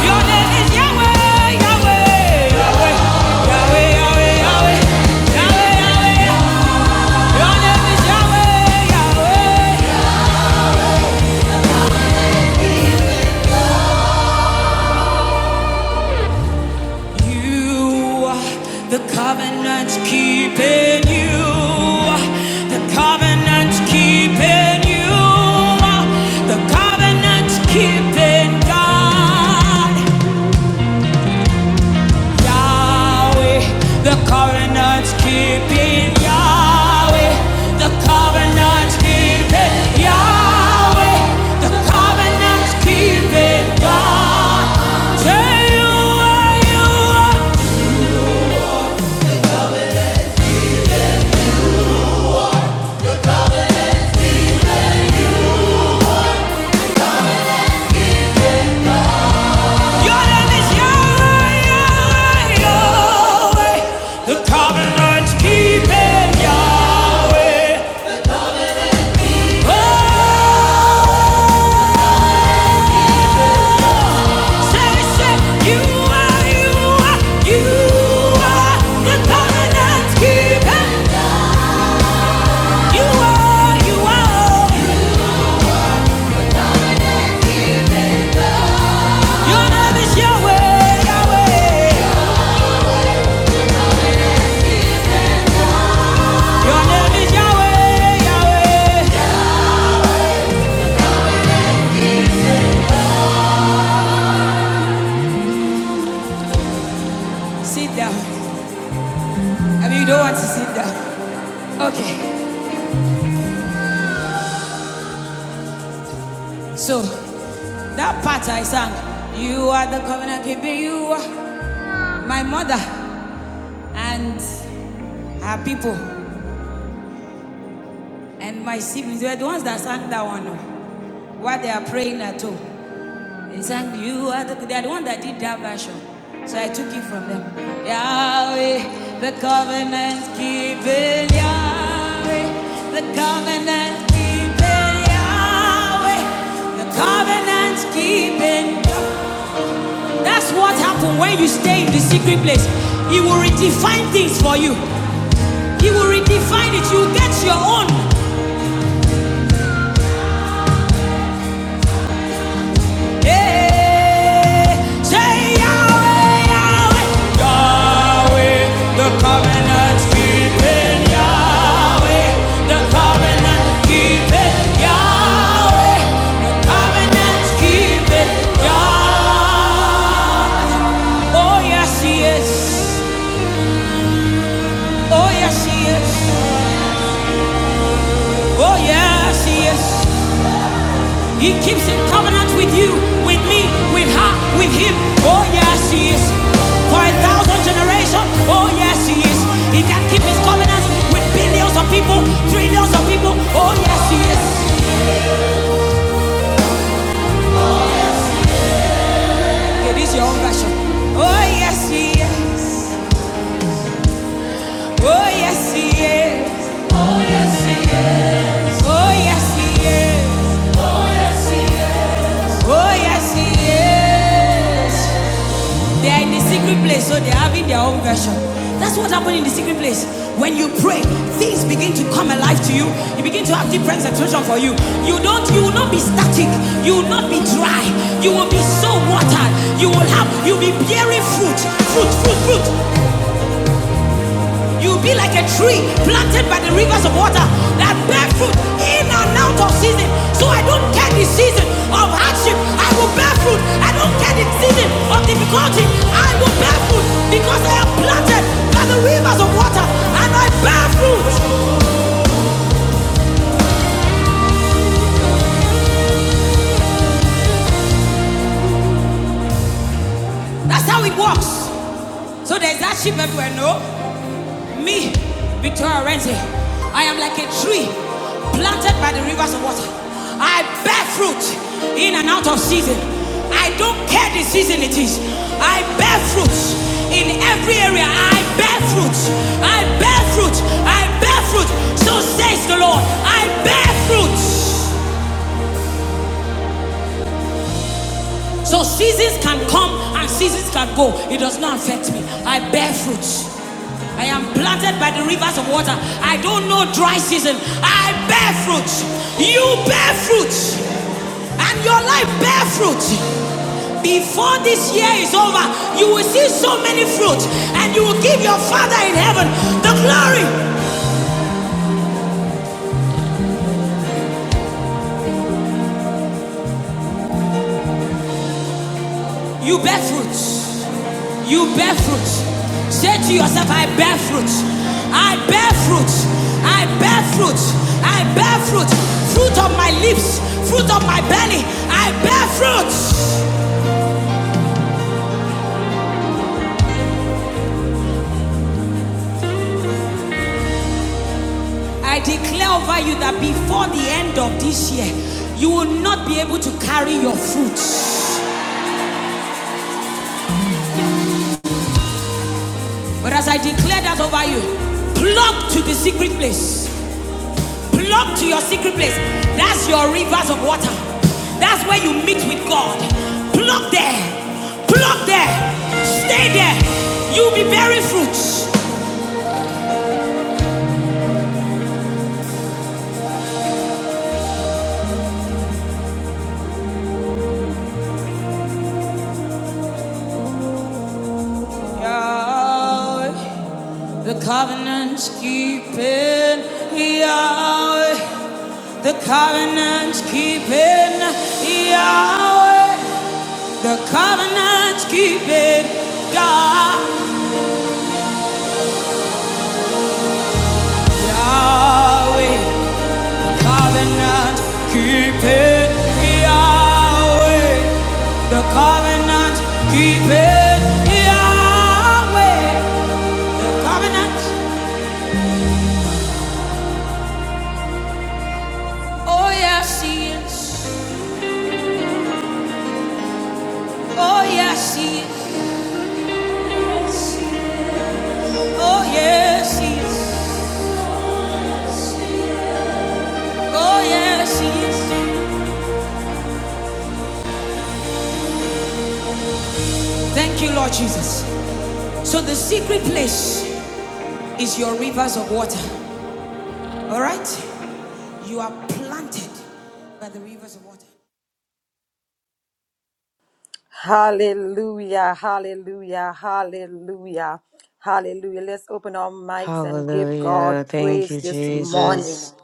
Your name is Yahweh, Yahweh, Yahweh, Yahweh. Your name is Yahweh, Yahweh. You are the covenant keeping you. are The covenant keeping you. are The covenant keeping God. Yahweh, the covenant's keeping. Yahweh, the covenant's keeping. Yahweh, the covenant's keeping. God, say you are, you are. Your name is Yahweh, Yahweh, Yahweh. The covenant's keeping. Yahweh. Oh. Sit down. I you don't want to sit down. Okay. So, that part I sang, you are the covenant keeper, you are my mother and her people and my siblings. They were the ones that sang that one. What they are praying at home. Exactly, you are the, they are the one that did that version. So I took it from them. Yahweh, the covenant keeping Yahweh, the covenant keeping Yahweh, the covenant keeping. That's what happens when you stay in the secret place. He will redefine things for you. He will redefine it. You get your own. Yeah. Say Yahweh, Yahweh. Yahweh, the covenant keeping Yahweh, the covenant keeping Yahweh, the covenant keeping Yah. Oh yes, he is. Oh yes, he is. Oh yes, he is. He keeps in covenant with you, with me, with her, with him. Oh, yes, he is. For a thousand generations, oh, yes, he is. He can keep his covenant with billions of people, trillions of people. Oh, yes, he is. It is your own version. Oh, yes, he is. Oh, yes, he is. Oh, yes, he is. Oh, yes, he is. Oh, yes, he is. Oh, yes, he is. They are in the secret place, so they're having their own version. That's what happened in the secret place. When you pray, things begin to come alive to you. You begin to have different expression for you. You don't, you will not be static. You will not be dry. You will be so watered. You will have, you'll be bearing fruit, fruit, fruit, fruit. You'll be like a tree planted by the rivers of water that bear fruit in and out of season. So I don't care the season of hardship. I will bear fruit. I don't care the season of difficulty. I will bear fruit because I am planted by the rivers of water and I bear fruit. That's how it works. So there's that sheep everywhere, no? Me, Victoria Renzi, I am like a tree planted by the rivers of water. I bear fruit in and out of season. I don't care the season it is. I bear fruit in every area. I bear fruit. I bear fruit. I bear fruit. So says the Lord, I bear fruit. So seasons can come and seasons can go. It does not affect me. I bear fruit. I am planted by the rivers of water. I don't know dry season. I bear fruit. You bear fruit. And your life bear fruit. Before this year is over, you will see so many fruit. And you will give your Father in heaven the glory You bear fruits. You bear fruits. Say to yourself, I bear fruits. I bear fruits. I bear fruits. I bear fruits. Fruit of my lips, fruit of my belly. I bear fruits. I declare over you that before the end of this year, you will not be able to carry your fruits. But as I declare that over you, plug to the secret place. plug to your secret place. That's your rivers of water. That's where you meet with God. Plug there. Plug there. Stay there. You'll be bearing fruits. Yahweh, the covenant's keeping. Yahweh, the covenant's keeping. Yahweh, the covenant's keeping. God, Yahweh. covenant keeping Yahweh. The covenant keeping Yahweh. The covenant. Oh yes, he is. Oh yes, he is. Oh yes, he is. Oh yes, he is. Thank you, Lord Jesus. So the secret place is your rivers of water. All right, you are planted by the rivers of water. Hallelujah, hallelujah, hallelujah, hallelujah. Let's open our mics and give God Hallelujah. Thank praise you, this morning. Jesus.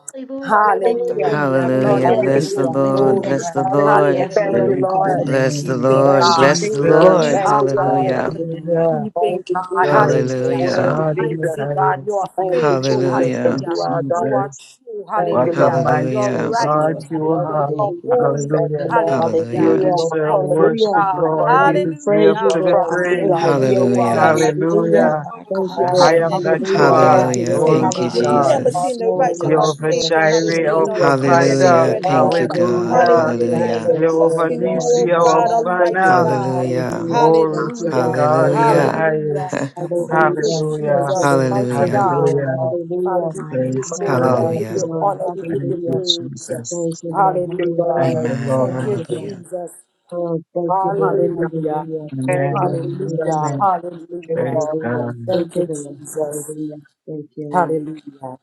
you, Hallelujah. Hallelujah. Lord. Hallelujah. Lord, Hallelujah. we Hallelujah. Hallelujah. give Thank Bless the you Hallelujah. you, Lord. Hallelujah. glory. Jesus. Bless the God, Hallelujah. for Lord. Hallelujah. Yes, Thank You being are Lord. you, my Praise the Lord. covenant covenant Bless the name keeper. keeping of Lord. Thank you, God. Bless the Thank you, Jesus. Lord. You Jesus. Thank are you, Jesus. a God. Hallelujah. covenant Hallelujah. Hallelujah. keeping Thank Thank you, you, Lord. God. Jesus. Glory to for The Hallelujah. this word of Hallelujah. God morning. in Jesus. the Mighty God, you highest. Give are your Thank you, words, faithful. Thank mighty Jesus, that God. you, Hallelujah. Hallelujah. you are Hallelujah. You God. are Jesus. true. Thank What you, Hallelujah. a Hallelujah. Hallelujah. Lord. You are mighty Hallelujah. Thank you, righteous. God Lord. Restore. you Thank Hallelujah. are. Hallelujah. You are you, Thank you, Lord. Jesus. holy. Thank you, Hallelujah. Lord. Hallelujah. Hallelujah. You Thank you, Hallelujah. Jesus. Hallelujah. Your deserve covenant Hallelujah. worship, keeping Hallelujah. Lord. Lord, God. You we deserve praise you, Ah, Your to be Lord. promises Thank praised. you are for Hallelujah. day your and word. Hallelujah. day. Jesus. Thank Hallelujah. you, Hallelujah. Lord Thank God, you, The this high Lord. am Hallelujah. that morning. you Hallelujah. Thank Thank are. God. you, You Hallelujah. Lord. Oh Glory Thank you, to God, Hallelujah. you, seen God. Jesus. us, Father. Lord, oh You are one God, must yes, hundred and Jehovah Lord. just Jireh, our so percent Hallelujah. the see believe of begging the provider. Hallelujah. bread, Lord, concerned, thank Thank Lord. mighty you, Lord. you, Lord. God, God. about Thank our Hallelujah. you, Hallelujah. He Hallelujah. said, there's Hallelujah. a Thank Jesus. life. you, Thank trust Lord. Jehovah you, in you, Lord. Nisi, oh Hallelujah. our God, Oh, thank you, Almighty banner. Lord. God. Hallelujah. Hallelujah. Glory Thank you, to Hallelujah. Lord. God Thank in you, the Hallelujah. Lord. Hallelujah. highest. About Thank you, Hallelujah. everything Thank about Hallelujah. you, us. Jesus, Lord. But mighty Thank I'm you, Hallelujah. God. Lord. grateful Hallelujah. Lord, Father, Hallelujah. this we give morning. you Praise Lord, Lord, glory, we thank God. give you, Hallelujah. you Lord. Lord. honor, we give Thank you you, Hallelujah. praise. Jesus. Thank you, Lord. Thank you, Hallelujah. Thank Lord. Hallelujah. you, Amen. Thank Thank Thank you, you, Lord. you, Lord. Jesus. Hallelujah. Jesus. Oh, thank you, Lord. Hallelujah. Hallelujah. Hallelujah. Thank Thank you, you, Lord. Amen. Thank you, Hallelujah. Jesus. Amen. Lord. Thank you, Hallelujah. Lord. Praise Hallelujah. God. Thank Thank you, you, Lord. Jesus. Hallelujah. Thank you, Lord. Hallelujah.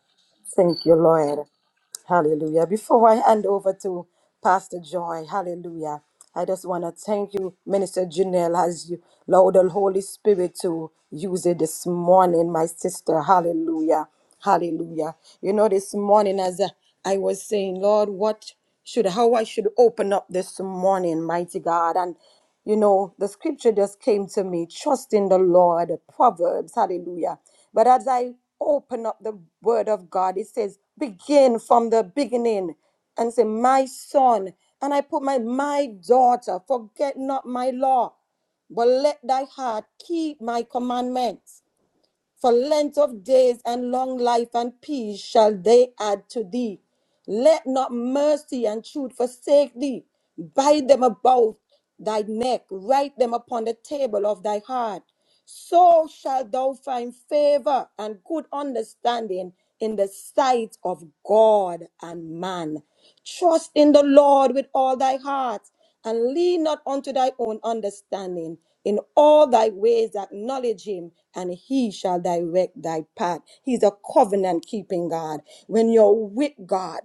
Hallelujah. Before I Hallelujah. I do thank you, Minister Janelle, as you allow the Holy Spirit to use it this morning, my sister. Hallelujah. Hallelujah. You know, this morning, as uh, I was saying, Lord, what should, how I should open up this morning, mighty God. And, you know, the scripture just came to me, trust in the Lord, Proverbs, hallelujah. But as I open up the word of God, it says, begin from the beginning and say, my son. And I put my, my daughter, forget not my law but let thy heart keep my commandments. For length of days and long life and peace shall they add to thee. Let not mercy and truth forsake thee. Bind them about thy neck, write them upon the table of thy heart. So shalt thou find favor and good understanding in the sight of God and man. Trust in the Lord with all thy heart and lean not unto thy own understanding. In all thy ways acknowledge him, and he shall direct thy path. He's a covenant keeping God. When you're with God,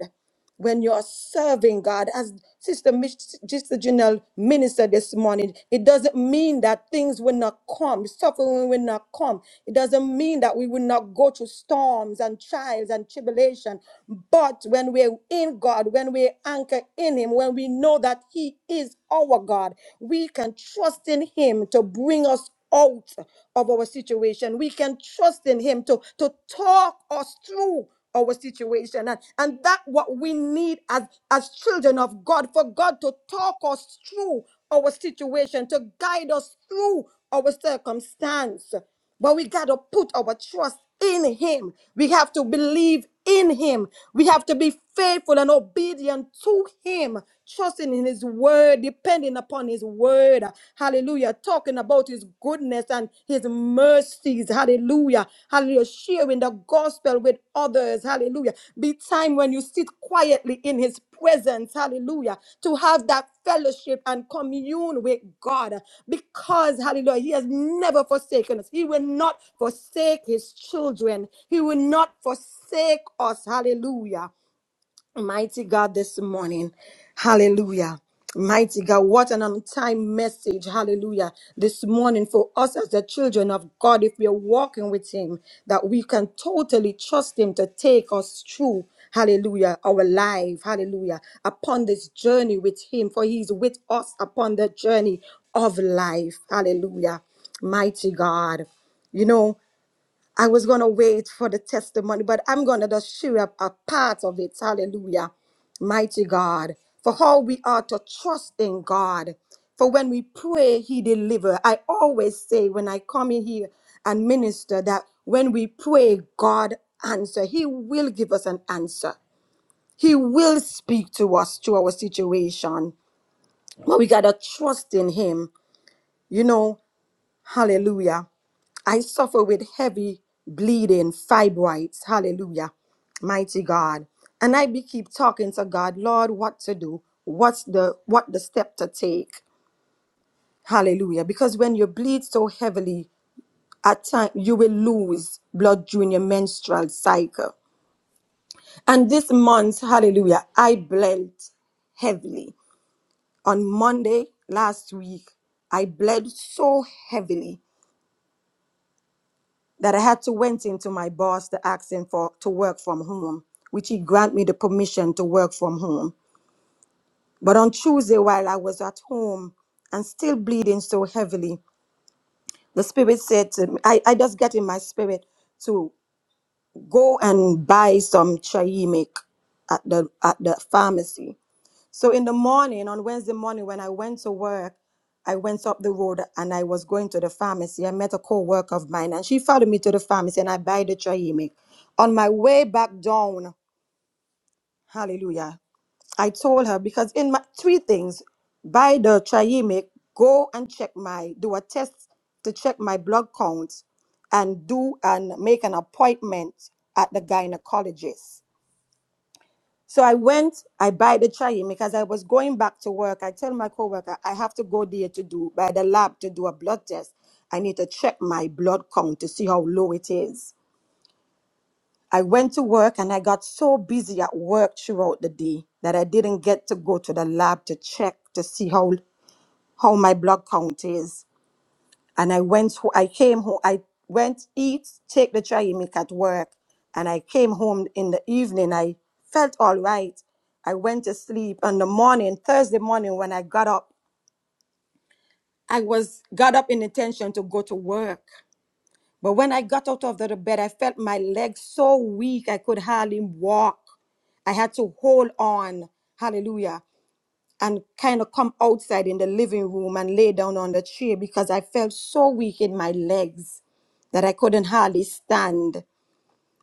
when you're serving God, as Sister, Mich- Sister Janelle ministered this morning, it doesn't mean that things will not come, suffering will not come. It doesn't mean that we will not go through storms and trials and tribulation. But when we're in in God, when we anchor in Him, when we know that He is our God, we can trust in Him to bring us out of our situation. We can trust in Him to, to talk us through our situation. And, and that's what we need as, as children of God for God to talk us through our situation, to guide us through our circumstance. But we got to put our trust in Him. We have to believe in Him. We have to be faithful and obedient to Him, trusting in His word, depending upon His word. Hallelujah. Talking about His goodness and His mercies. Hallelujah. Hallelujah. Sharing the gospel with others. Hallelujah. Be time when you sit quietly in his presence. Hallelujah. To have that fellowship and commune with God because, hallelujah, he has never forsaken us. He will not forsake his children. He will not forsake us. Hallelujah. Mighty God, this morning. Hallelujah. Mighty God, what an on time message. Hallelujah. This morning for us as the children of God, if we are walking with Him, that we can totally trust Him to take us through. Hallelujah. Our life. Hallelujah. Upon this journey with Him, for He is with us upon the journey of life. Hallelujah. Mighty God. You know, I was going to wait for the testimony, but I'm going to just share a, a part of it. Hallelujah. Mighty God, for how we are to trust in God. For when we pray, He deliver. I always say when I come in here and minister that when we pray, God answer. He will give us an answer. He will speak to us through our situation. But we got to trust in Him. You know, Hallelujah. I suffer with heavy bleeding, fibroids. Hallelujah. Mighty God. And I be keep talking to God, Lord, what to do? What's the what the step to take? Hallelujah. Because when you bleed so heavily, at time you will lose blood during your menstrual cycle. And this month, hallelujah, I bled heavily. On Monday last week, I bled so heavily. that I had to went into my boss to ask him for to work from home, which he grant me the permission to work from home. But on Tuesday, while I was at home and still bleeding so heavily, the spirit said to me, I, I just get in my spirit to go and buy some chai milk at the at the pharmacy. So in the morning, on Wednesday morning, when I went to work, I went up the road and I was going to the pharmacy. I met a co-worker of mine and she followed me to the pharmacy and I buy the Triamic. On my way back down, hallelujah, I told her because in my three things, buy the Triamic, go and check my, do a test to check my blood count and do and make an appointment at the gynecologist. So I went, I buy the chayim because I was going back to work. I tell my coworker, I have to go there to do, by the lab to do a blood test. I need to check my blood count to see how low it is. I went to work and I got so busy at work throughout the day that I didn't get to go to the lab to check to see how, how my blood count is and I went. ho- I came home. I went eat, take the dry milk at work, and I came home in the evening. I felt all right. I went to sleep. On the morning, Thursday morning, when I got up, I was got up in intention to go to work. But when I got out of the bed, I felt my legs so weak I could hardly walk. I had to hold on. Hallelujah and kind of come outside in the living room and lay down on the chair because I felt so weak in my legs that I couldn't hardly stand.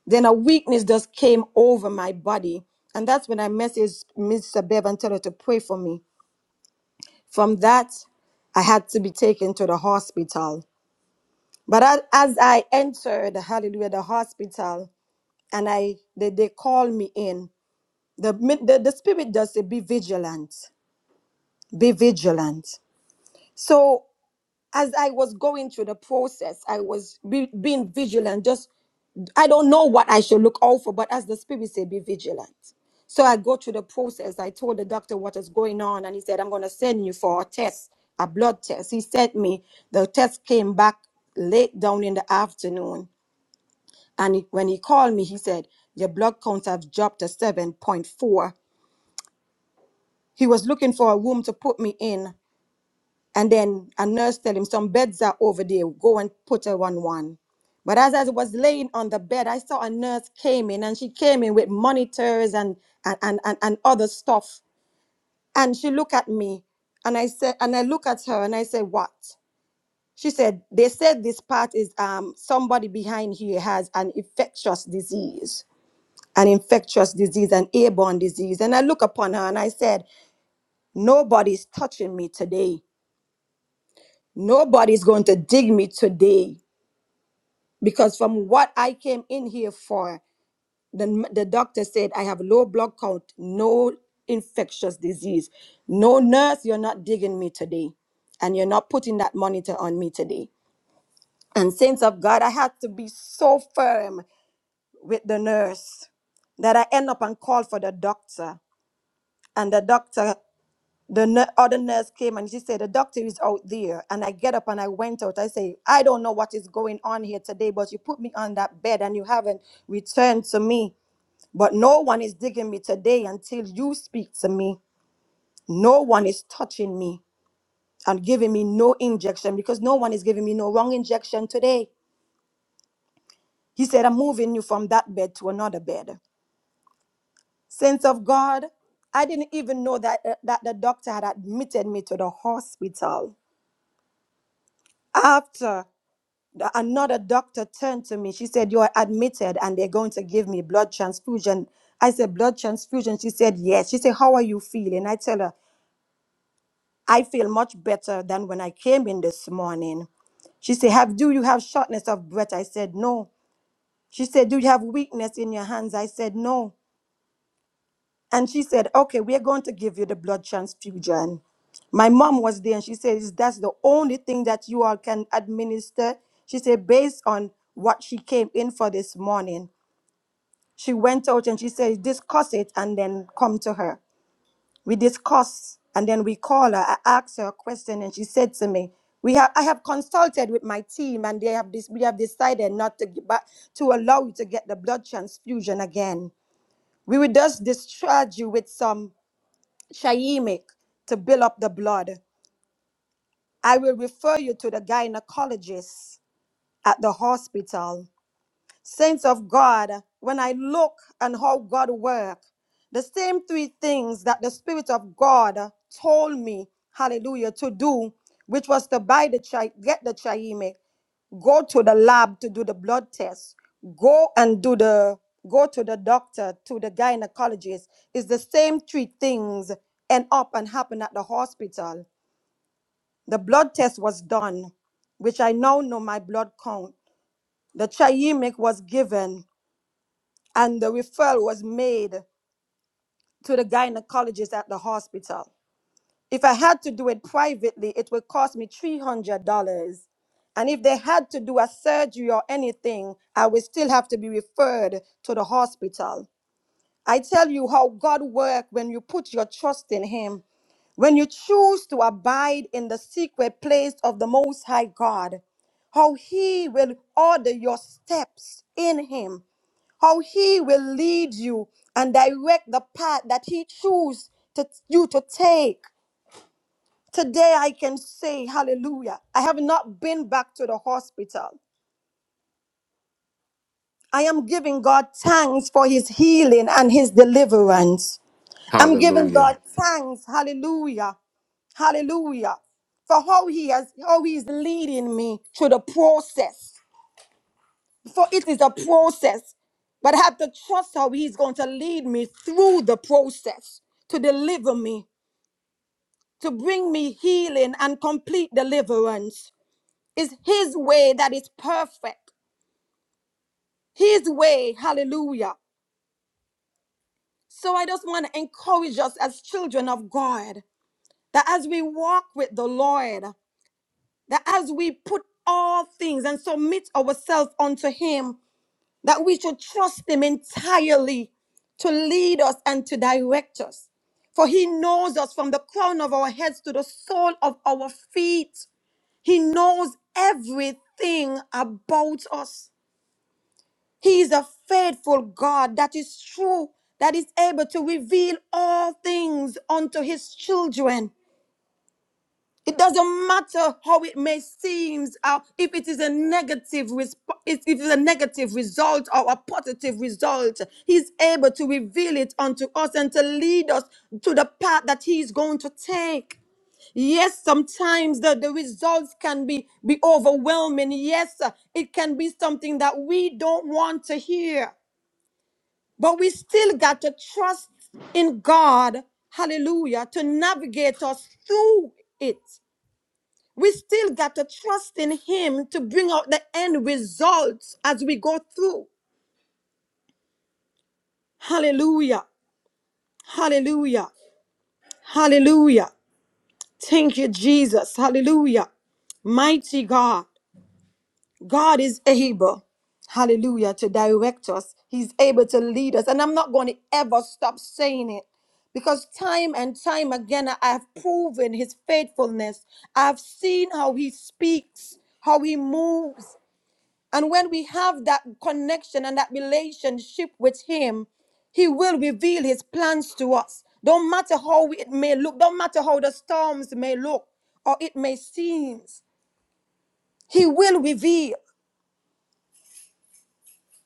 Then a weakness just came over my body. And that's when I messaged Mr. Bev and tell her to pray for me. From that, I had to be taken to the hospital. But as, as I entered, hallelujah, the hospital, and I they, they called me in, the, the, the spirit just said, be vigilant, be vigilant. So as I was going through the process, I was be, being vigilant. Just, I don't know what I should look out for, but as the Spirit said, be vigilant. So I go through the process. I told the doctor what is going on, and he said, I'm going to send you for a test, a blood test. He sent me, the test came back late down in the afternoon. And he- when he called me, he said, Your blood counts have dropped to 7.4. He was looking for a room to put me in And then a nurse tell him, Some beds are over there. Go and put her on one. But as I was laying on the bed, I saw a nurse came in and she came in with monitors and and, and, and, and other stuff. And she looked at me and I said, and I look at her and I said, What? She said, They said this part is um somebody behind here has an infectious disease. An infectious disease, an airborne disease. And I look upon her and I said, Nobody's touching me today. Nobody's going to dig me today. because from what I came in here for, the, the doctor said I have low blood count, no infectious disease. No nurse, you're not digging me today. And you're not putting that monitor on me today. And saints of God, I had to be so firm with the nurse that I end up and call for the doctor. And the doctor the nu- other nurse came and she said, The doctor is out there. And I get up and I went out. I say, I don't know what is going on here today, but you put me on that bed and you haven't returned to me. But no one is digging me today until you speak to me. No one is touching me and giving me no injection because no one is giving me no wrong injection today. He said, I'm moving you from that bed to another bed. Saints of God, I didn't even know that, uh, that the doctor had admitted me to the hospital after. another doctor turned to me. She said, You are admitted and they're going to give me blood transfusion. I said, Blood transfusion? She said, Yes. She said, How are you feeling? I tell her, I feel much better than when I came in this morning. She said, Have do you have shortness of breath? I said, No. She said, Do you have weakness in your hands? I said, No. And she said, Okay, we're going to give you the blood transfusion. My mom was there and she said, "Is That's the only thing that you all can administer. She said, Based on what she came in for this morning, she went out and she said, Discuss it and then come to her. We discuss and then we call her. I asked her a question and she said to me, we have, I have consulted with my team and they have this, we have decided not to, give back, to allow you to get the blood transfusion again. We will just discharge you with some Shyemic to build up the blood. I will refer you to the gynecologist at the hospital Saints of God, when I look and how God works, the same three things that the Spirit of God told me, hallelujah, to do, which was to buy the chi- get the chiamic, go to the lab to do the blood test go and do the go to the doctor to the gynecologist is the same three things end up and happen at the hospital the blood test was done which i now know my blood count the chiemic was given and the referral was made to the gynecologist at the hospital. If I had to do it privately, it would cost me $300. And if they had to do a surgery or anything, I would still have to be referred to the hospital. I tell you how God works when you put your trust in Him. When you choose to abide in the secret place of the Most High God, how He will order your steps in Him how he will lead you and direct the path that he chooses to you to take. Today I can say hallelujah. I have not been back to the hospital. I am giving God thanks for his healing and his deliverance. I'm giving Hallelujah. God thanks, hallelujah. Hallelujah. For how he has how he's leading me through the process. for it is a process. But I have to trust how He's going to lead me through the process to deliver me, to bring me healing and complete deliverance. It's His way that is perfect. His way, hallelujah. So I just want to encourage us as children of God that as we walk with the Lord, that as we put all things and submit ourselves unto Him, that we should trust Him entirely to lead us and to direct us. For He knows us from the crown of our heads to the sole of our feet. He knows everything about us. He is a faithful God that is true, that is able to reveal all things unto His children. It doesn't matter how it may seem, uh, if it is a negative resp- if it is a negative result or a positive result, He's able to reveal it unto us and to lead us to the path that He's going to take. Yes, sometimes the, the results can be, be overwhelming. Yes, uh, it can be something that we don't want to hear. But we still got to trust in God, hallelujah, to navigate us through it we still got to trust in Him to bring out the end results as we go through. Hallelujah. Hallelujah. Hallelujah. Thank you, Jesus. Hallelujah. Mighty God. God is able, hallelujah, to direct us. He's able to lead us. And I'm not going to ever stop saying it because time and time again, I have proven His faithfulness. I've seen how He speaks, how He moves, And when we have that connection and that relationship with Him, He will reveal His plans to us. Don't matter how it may look, don't matter how the storms may look or it may seem, He will reveal.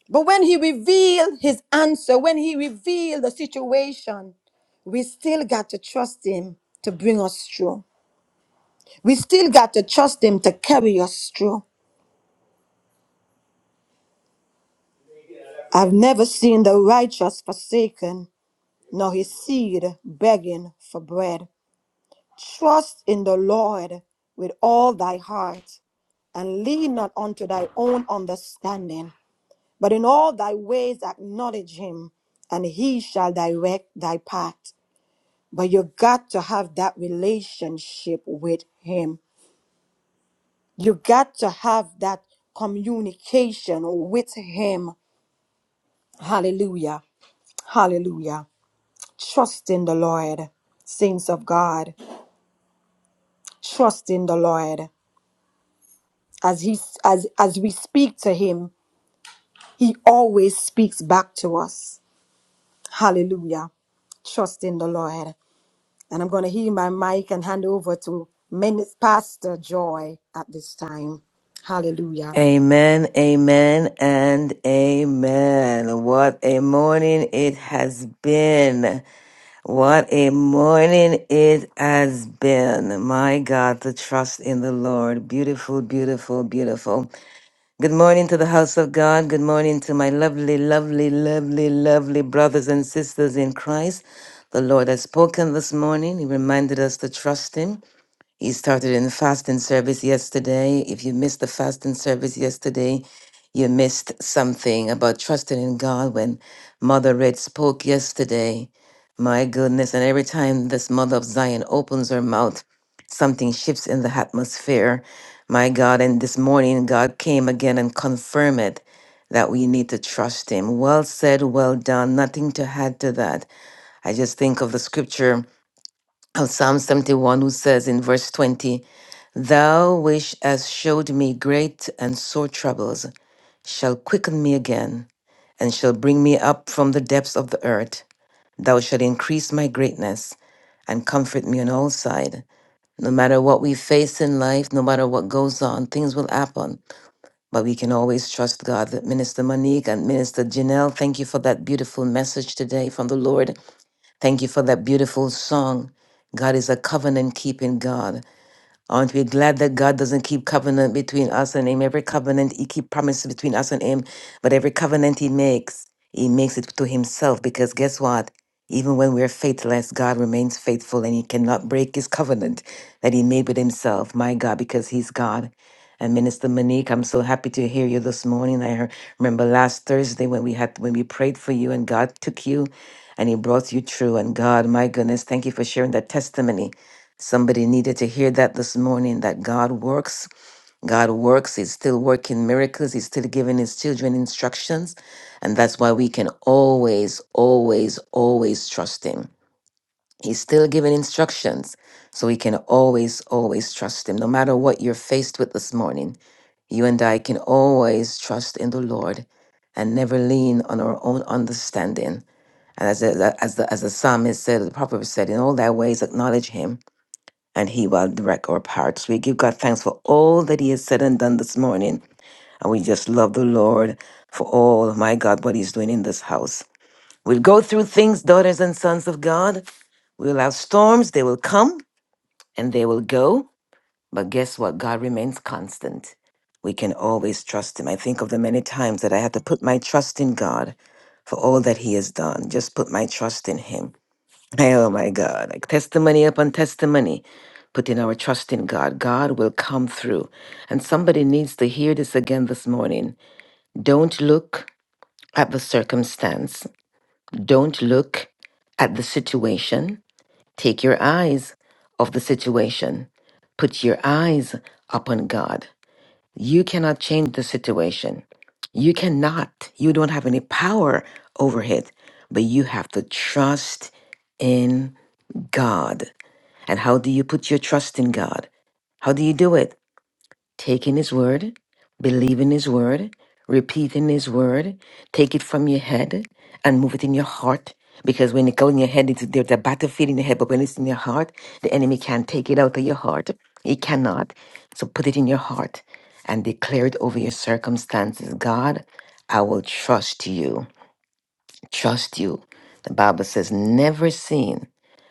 But when He reveals His answer, when He reveals the situation, we still got to trust Him to bring us through. We still got to trust Him to carry us through. I've never seen the righteous forsaken nor his seed begging for bread. Trust in the Lord with all thy heart, and lean not unto thy own understanding, but in all thy ways acknowledge him, and he shall direct thy path. But you got to have that relationship with him. You got to have that communication with him. Hallelujah. Hallelujah. Trust in the Lord, saints of God. trust in the Lord. As he as as we speak to him, he always speaks back to us. Hallelujah. Trust in the Lord. And I'm going to heal my mic and hand over to Min- Pastor Joy at this time. Hallelujah. Amen, amen, and amen. What a morning it has been. What a morning it has been. My God, the trust in the Lord. Beautiful, beautiful, beautiful. Good morning to the house of God. Good morning to my lovely, lovely, lovely, lovely brothers and sisters in Christ. The Lord has spoken this morning. He reminded us to trust Him. He started in the fasting service yesterday. If you missed the fasting service yesterday, you missed something about trusting in God when Mother Red spoke yesterday. My goodness. And every time this Mother of Zion opens her mouth, something shifts in the atmosphere. My God. And this morning, God came again and confirmed it that we need to trust Him. Well said, well done. Nothing to add to that. I just think of the scripture of Psalm 71, who says in verse 20, Thou which hast showed me great and sore troubles shall quicken me again, and shall bring me up from the depths of the earth. Thou shalt increase my greatness and comfort me on all sides. No matter what we face in life, no matter what goes on, things will happen. But we can always trust God. Minister Monique and Minister Janelle, thank you for that beautiful message today from the Lord. Thank you for that beautiful song. God is a covenant keeping God. I want to be glad that God doesn't keep covenant between us and Him. Every covenant He keep promises between us and Him, but every covenant He makes, He makes it to Himself. Because guess what? Even when we're faithless, God remains faithful and He cannot break His covenant that He made with Himself. My God, because He's God. And Minister Monique, I'm so happy to hear you this morning. I hear- remember last Thursday when we had when we prayed for you and God took you and He brought you through. And God, my goodness, thank you for sharing that testimony Somebody needed to hear that this morning that God works. God works. He's still working miracles. He's still giving his children instructions. And that's why we can always, always, always trust him. He's still giving instructions. So we can always, always trust him. No matter what you're faced with this morning, you and I can always trust in the Lord and never lean on our own understanding. And as, the- as, the, as the psalmist said, the proverb said, in all thy ways acknowledge him and he will direct our paths. We give God thanks for all that he has said and done this morning. And we just love the Lord for all, my God, what he's doing in this house. We'll go through things, daughters and sons of God. We'll have storms, they will come and they will go. But guess what? God remains constant. We can always trust him. I think of the many times that I had to put my trust in God for all that he has done. Just put my trust in him. Hey, Oh my God, like testimony upon testimony, putting our trust in God. God will come through. And somebody needs to hear this again this morning. Don't look at the circumstance, don't look at the situation. Take your eyes off the situation, put your eyes upon God. You cannot change the situation. You cannot, you don't have any power over it, but you have to trust in God. And how do you put your trust in God? How do you do it? Taking His word, believing His word, repeating His word, take it from your head and move it in your heart. Because when it goes in your head, it's, there's a battlefield in your head, but when it's in your heart, the enemy can't take it out of your heart. He cannot. So put it in your heart and declare it over your circumstances. God, I will trust you. Trust you. The Bible says, never seen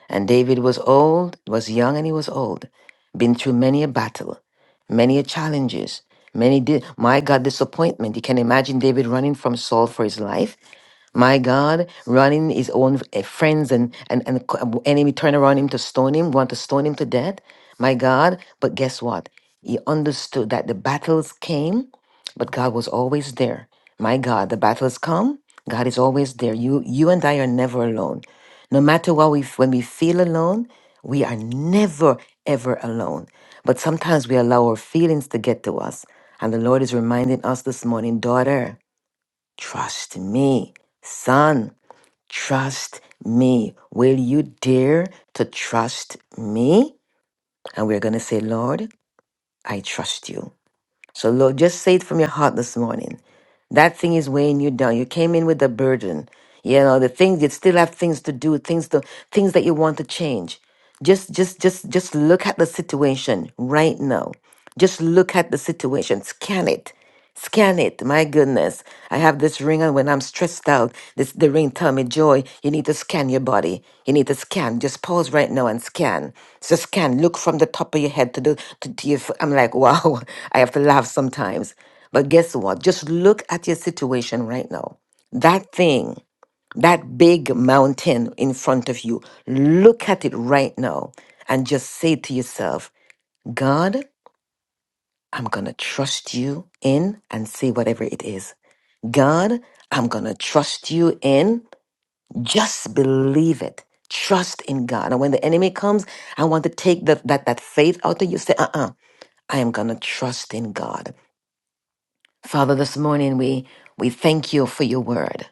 and David was old, was young, and he was old. Been through many a battle, many a challenges, many di- my God disappointment. You can imagine David running from Saul for his life my God, running his own eh, friends and and and co- enemy turn around him to stone him, want to stone him to death. My God, but guess what? He understood that the battles came, but God was always there. My God, the battles come. God is always there. You you and I are never alone. No matter what we f- when we feel alone, we are never ever alone. But sometimes we allow our feelings to get to us, and the Lord is reminding us this morning, daughter. Trust me, son. Trust me. Will you dare to trust me? And we're going to say, Lord, I trust you. So, Lord, just say it from your heart this morning. That thing is weighing you down. You came in with a burden. You know, the things you still have things to do, things to things that you want to change. Just just just just look at the situation right now. Just look at the situation. Scan it. Scan it. My goodness. I have this ring on when I'm stressed out. This the ring tell me, Joy, you need to scan your body. You need to scan. Just pause right now and scan. So scan. Look from the top of your head to the to, to your foot. I'm like, wow, I have to laugh sometimes. But guess what? Just look at your situation right now. That thing, that big mountain in front of you, look at it right now and just say to yourself, God, I'm going to trust you in and say whatever it is. God, I'm going to trust you in. Just believe it. Trust in God. And when the enemy comes, I want to take that that, that faith out of you. Say, uh-uh, I am going to trust in God. Father, this morning we, we thank you for your word.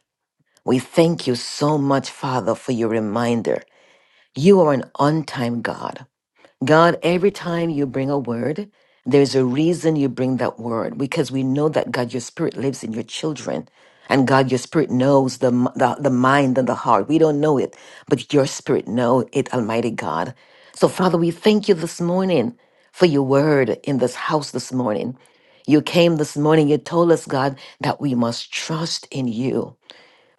We thank you so much, Father, for your reminder. You are an on time God. God, every time you bring a word, there's a reason you bring that word because we know that, God, your spirit lives in your children. And God, your spirit knows the, m- the, the mind and the heart. We don't know it, but your spirit know it, Almighty God. So, Father, we thank you this morning for your word in this house this morning. You came this morning, you told us, God, that we must trust in you.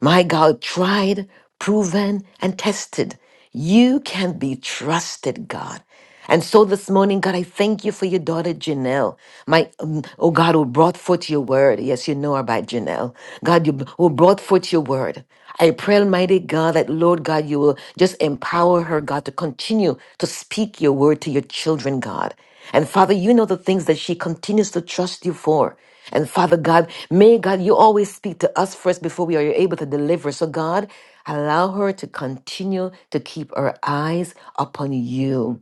My God, tried, proven, and tested. You can be trusted, God. And so this morning, God, I thank you for your daughter Janelle. My um, oh God, who brought forth your word. Yes, you know about Janelle. God, you b- who brought forth your word. I pray, Almighty God, that Lord God, you will just empower her, God, to continue to speak your word to your children, God. And Father, you know the things that she continues to trust you for. And Father God, may God, you always speak to us first before we are able to deliver. So, God, allow her to continue to keep her eyes upon you.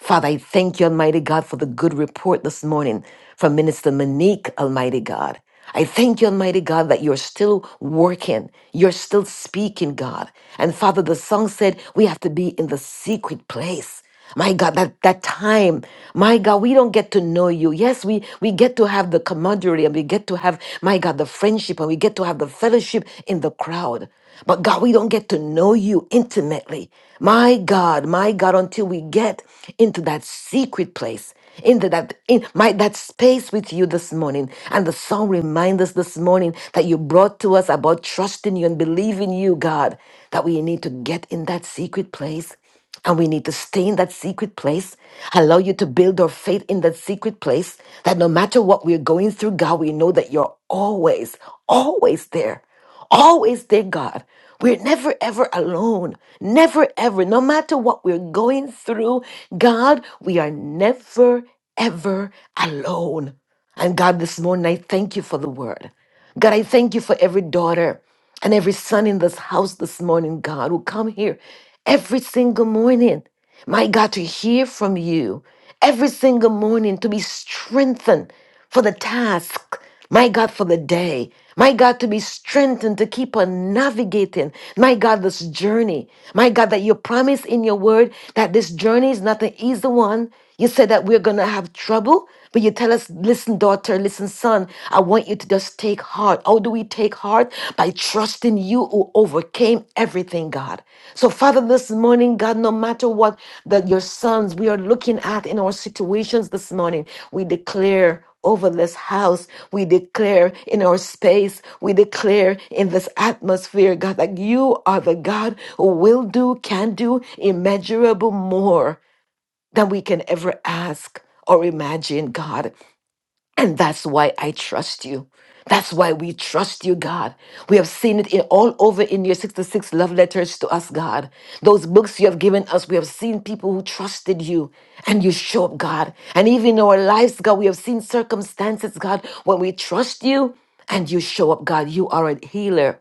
Father, I thank you, Almighty God, for the good report this morning from Minister Monique, Almighty God. I thank you, Almighty God, that you're still working. You're still speaking, God. And Father, the song said we have to be in the secret place. My God, that, that time, my God, we don't get to know you. Yes, we, we get to have the camaraderie and we get to have, my God, the friendship and we get to have the fellowship in the crowd. But God, we don't get to know you intimately. My God, my God, until we get into that secret place, into that in my that space with you this morning. And the song reminds us this morning that you brought to us about trusting you and believing you, God, that we need to get in that secret place. And we need to stay in that secret place. Allow you to build our faith in that secret place that no matter what we're going through, God, we know that you're always, always there. Always there, God. We're never ever alone. Never ever. No matter what we're going through, God, we are never ever alone. And God, this morning, I thank you for the word. God, I thank you for every daughter and every son in this house this morning, God, who come here every single morning. My God, to hear from you every single morning, to be strengthened for the task. My God, for the day. My God, to be strengthened, to keep on navigating. My God, this journey. My God, that you promise in your word that this journey is not an easy one. You said that we're going to have trouble, but you tell us, listen, daughter, listen, son, I want you to just take heart. How do we take heart? By trusting you who overcame everything, God. So, Father, this morning, God, no matter what that your sons we are looking at in our situations this morning, we declare over this house. We declare in our space. We declare in this atmosphere, God, that you are the God who will do, can do immeasurable more than we can ever ask or imagine, God. And that's why I trust you. That's why we trust you, God. We have seen it in, all over in your 66 love letters to us, God. Those books you have given us, we have seen people who trusted you and you show up, God. And even in our lives, God, we have seen circumstances, God, when we trust you and you show up, God. You are a healer.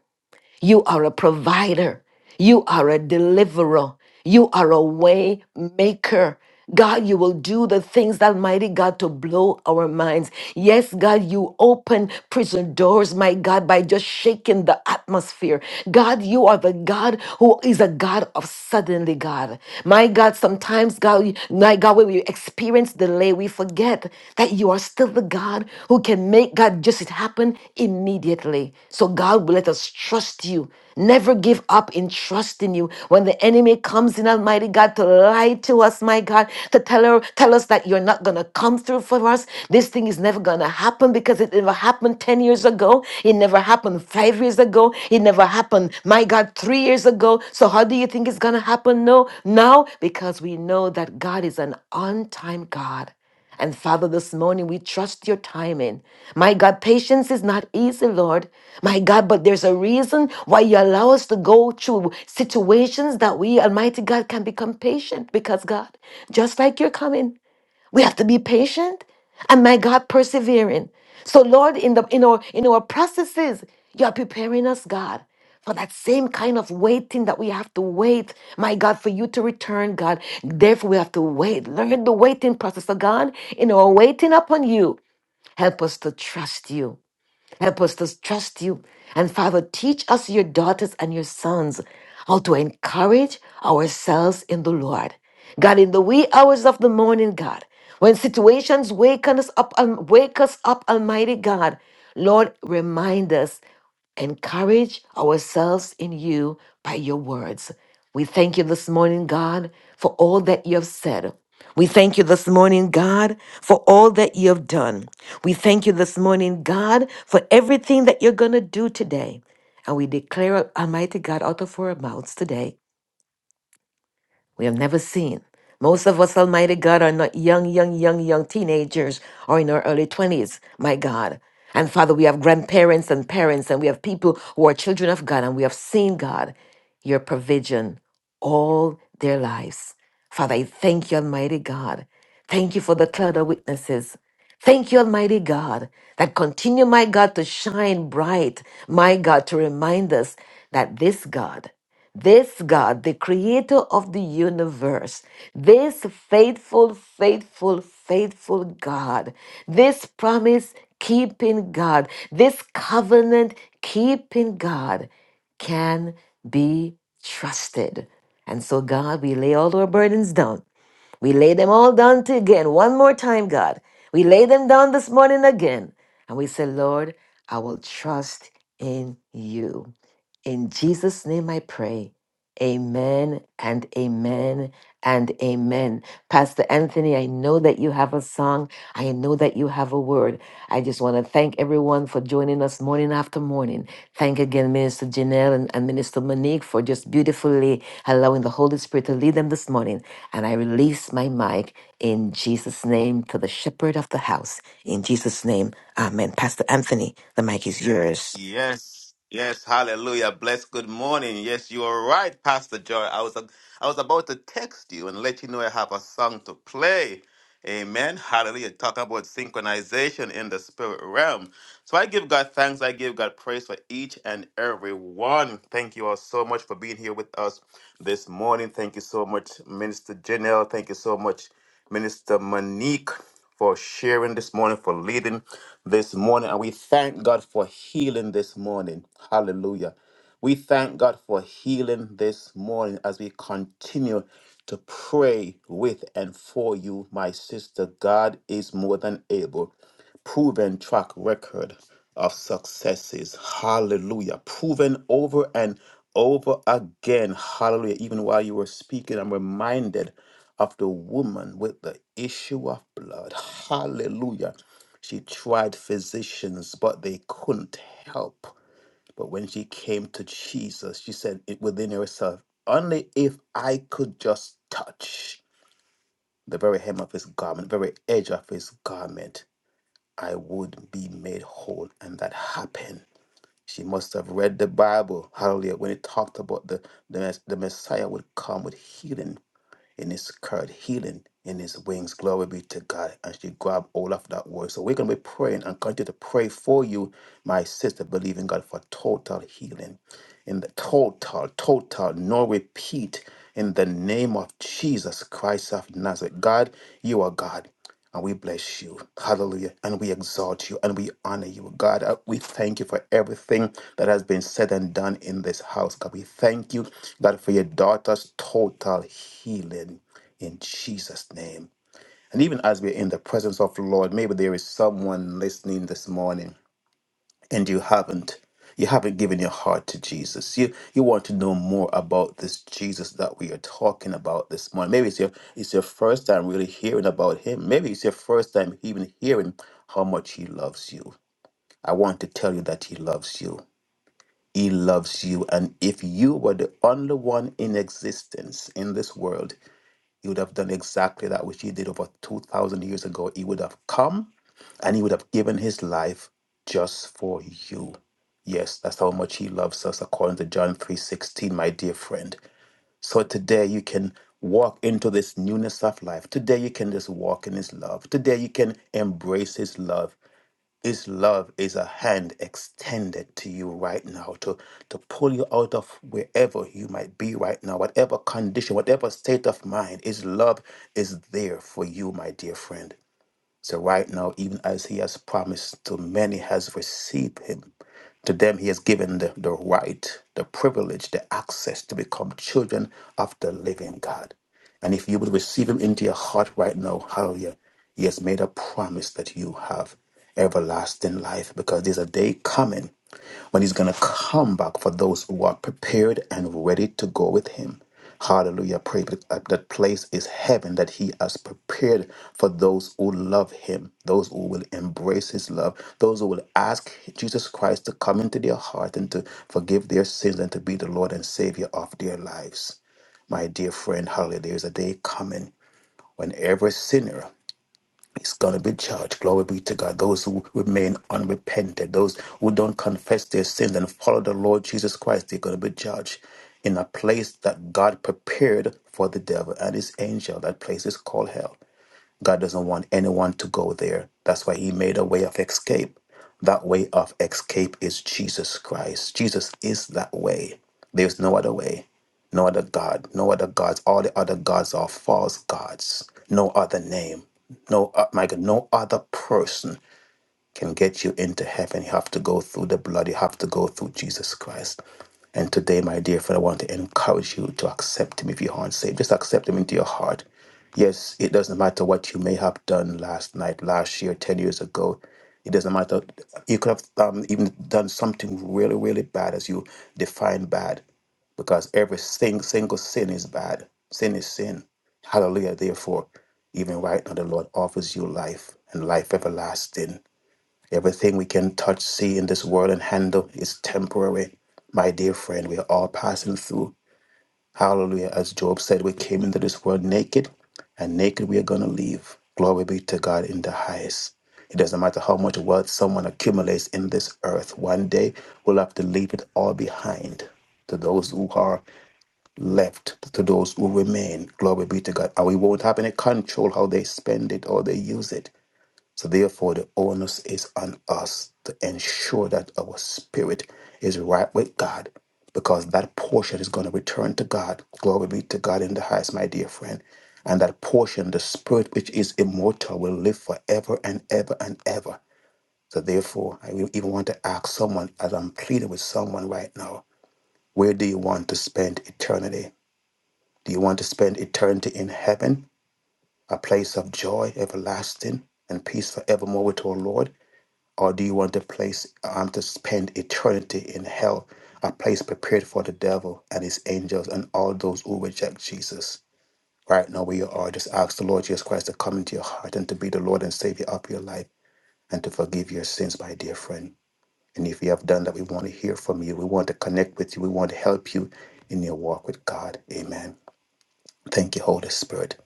You are a provider. You are a deliverer. You are a way maker. God, you will do the things, Almighty God, to blow our minds. Yes, God, you open prison doors, my God, by just shaking the atmosphere. God, you are the God who is a God of suddenly, God. My God, sometimes, God, my God, when we experience moments delay, we forget that you are still the God who can make God just it happen immediately. So God will let us trust you. Never give up in trusting you. When the enemy comes in, Almighty God, to lie to us, my God, to tell her, tell us that you're not gonna come through for us. This thing is never gonna happen because it never happened 10 years ago. It never happened five years ago. It never happened, my God, three years ago. So how do you think it's going to happen no, now? Because we know that God is an on time God. And Father, this morning we trust your timing. My God, patience is not easy, Lord. My God, but there's a reason why you allow us to go through situations that we, Almighty God, can become patient because, God, just like you're coming. We have to be patient and my God persevering. So Lord, in the in our in our processes, you are preparing us, God, for that same kind of waiting that we have to wait, my God, for you to return, God. Therefore, we have to wait. Learn the waiting process. So God, in our waiting upon you, help us to trust you. Help us to trust you. And Father, teach us, your daughters and your sons, how to encourage ourselves in the Lord. God, in the wee hours of the morning, God, when situations wake us up, um, wake us up, Almighty God, Lord, remind us, encourage ourselves in you by your words. We thank you this morning, God, for all that you have said. We thank you this morning, God, for all that you have done. We thank you this morning, God, for everything that you're going to do today. And we declare, Almighty God, out of our mouths today we have never seen. Most of us, Almighty God, are not young, young, young, young teenagers or in our early 20s, my God. And Father, we have grandparents and parents, and we have people who are children of God, and we have seen, God, your provision all their lives. Father, I thank you, Almighty God. Thank you for the cloud of witnesses. Thank you, Almighty God, that continue, my God, to shine bright, my God, to remind us that this God this God, the creator of the universe, this faithful, faithful, faithful God, this promise keeping God, this covenant keeping God can be trusted. And so, God, we lay all our burdens down we lay them all down to again, one more time, God. We lay them down this morning again. And we say, Lord, I will trust in you. In Jesus' name I pray. Amen and amen and amen. Pastor Anthony, I know that you have a song. I know that you have a word. I just want to thank everyone for joining us morning after morning. Thank again, Minister Janelle and, and Minister Monique, for just beautifully allowing the Holy Spirit to lead them this morning. And I release my mic in Jesus' name to the shepherd of the house. In Jesus' name, amen. Pastor Anthony, the mic is yours. Yes, yes, hallelujah. Bless. Good morning. Yes, you are right, Pastor Joy. I was I was about to text you and let you know I have a song to play. Amen. Hallelujah. Talk about synchronization in the spirit realm. So I give God thanks. I give God praise for each and every one. Thank you all so much for being here with us this morning. Thank you so much, Minister Janelle. Thank you so much. Minister Monique, for sharing this morning, for leading this morning. And we thank God for healing this morning. Hallelujah. We thank God for healing this morning as we continue to pray with and for you, my sister. God is more than able proven track record of successes. Hallelujah. Proven over and over again. Hallelujah. Even while you were speaking, I'm reminded of the woman with the issue of blood. Hallelujah. She tried physicians, but they couldn't help. But when she came to Jesus, she said it within herself, only if I could just touch the very hem of his garment, very edge of his garment I would be made whole. And that happened. She must have read the Bible, hallelujah, when it talked about the, the, Mess- the Messiah would come with healing in his skirt, healing in his wings. Glory be to God. And she grabbed all of that word. So we're going to be praying and continue to pray for you, my sister, believing God for total healing. In the total, total, no repeat. In the name of Jesus Christ of Nazareth. God, you are God. And we bless you. Hallelujah. And we exalt you and we honor you. God, uh, we thank you for everything that has been said and done in this house. God, we thank you, God, for your daughter's total healing in Jesus' name. And even as we're in the presence of the Lord, maybe there is someone listening this morning and you haven't you haven't given your heart to Jesus. You you want to know more about this Jesus that we are talking about this morning. Maybe it's your it's your first time really hearing about him. Maybe it's your first time even hearing how much he loves you. I want to tell you that he loves you. He loves you. And if you were the only one in existence in this world, he would have done exactly that which he did over 2,000 years ago. He would have come and he would have given his life just for you. Yes, that's how much he loves us according to John 3:16, my dear friend. So today you can walk into this newness of life. Today you can just walk in his love. Today you can embrace his love. This love is a hand extended to you right now to, to pull you out of wherever you might be right now, whatever condition, whatever state of mind. His love is there for you, my dear friend. So right now, even as he has promised to many has received him, to them he has given the, the right, the privilege, the access to become children of the living God. And if you would receive him into your heart right now, hallelujah, he has made a promise that you have everlasting life because there's a day coming when he's going to come back for those who are prepared and ready to go with him. Hallelujah. Pray that uh, that place is heaven that he has prepared for those who love him, those who will embrace his love, those who will ask Jesus Christ to come into their heart and to forgive their sins and to be the Lord and Savior of their lives. My dear friend, hallelujah, there is a day coming when every sinner is going to be judged. Glory be to God. Those who remain unrepented, those who don't confess their sins and follow the Lord Jesus Christ, they're going to be judged in a place that God prepared for the devil and his angel. That place is called hell. God doesn't want anyone to go there. That's why He made a way of escape. That way of escape is Jesus Christ. Jesus is that way. There's no other way, no other God, no other gods. All the other gods are false gods. No other name, no uh, my God, no other person can get you into heaven, you have to go through the blood, you have to go through Jesus Christ. And today, my dear friend, I want to encourage you to accept Him if you aren't saved. Just accept Him into your heart. Yes, it doesn't matter what you may have done last night, last year, 10 years ago. It doesn't matter. You could have um, even done something really, really bad as you define bad, because every sing, single sin is bad. Sin is sin. Hallelujah. Therefore, even right now, the Lord offers you life and life everlasting. Everything we can touch, see in this world and handle is temporary. My dear friend, we are all passing through. Hallelujah. As Job said, we came into this world naked, and naked we are going to leave. Glory be to God in the highest. It doesn't matter how much wealth someone accumulates in this earth, one day we'll have to leave it all behind to those who are left, to those who remain. Glory be to God. And we won't have any control how they spend it or they use it. So, therefore, the onus is on us to ensure that our spirit is right with God because that portion is going to return to God. Glory be to God in the highest, my dear friend. And that portion, the spirit which is immortal, will live forever and ever and ever. So, therefore, I will even want to ask someone, as I'm pleading with someone right now, where do you want to spend eternity? Do you want to spend eternity in heaven, a place of joy everlasting and peace forevermore with our Lord? or do you want a place um, to spend eternity in hell, a place prepared for the devil and his angels and all those who reject Jesus? Right now, where you are, just ask the Lord Jesus Christ to come into your heart and to be the Lord and Savior of your life and to forgive your sins, my dear friend. And if you have done that, we want to hear from you. We want to connect with you. We want to help you in your walk with God. Amen. Thank you, Holy Spirit.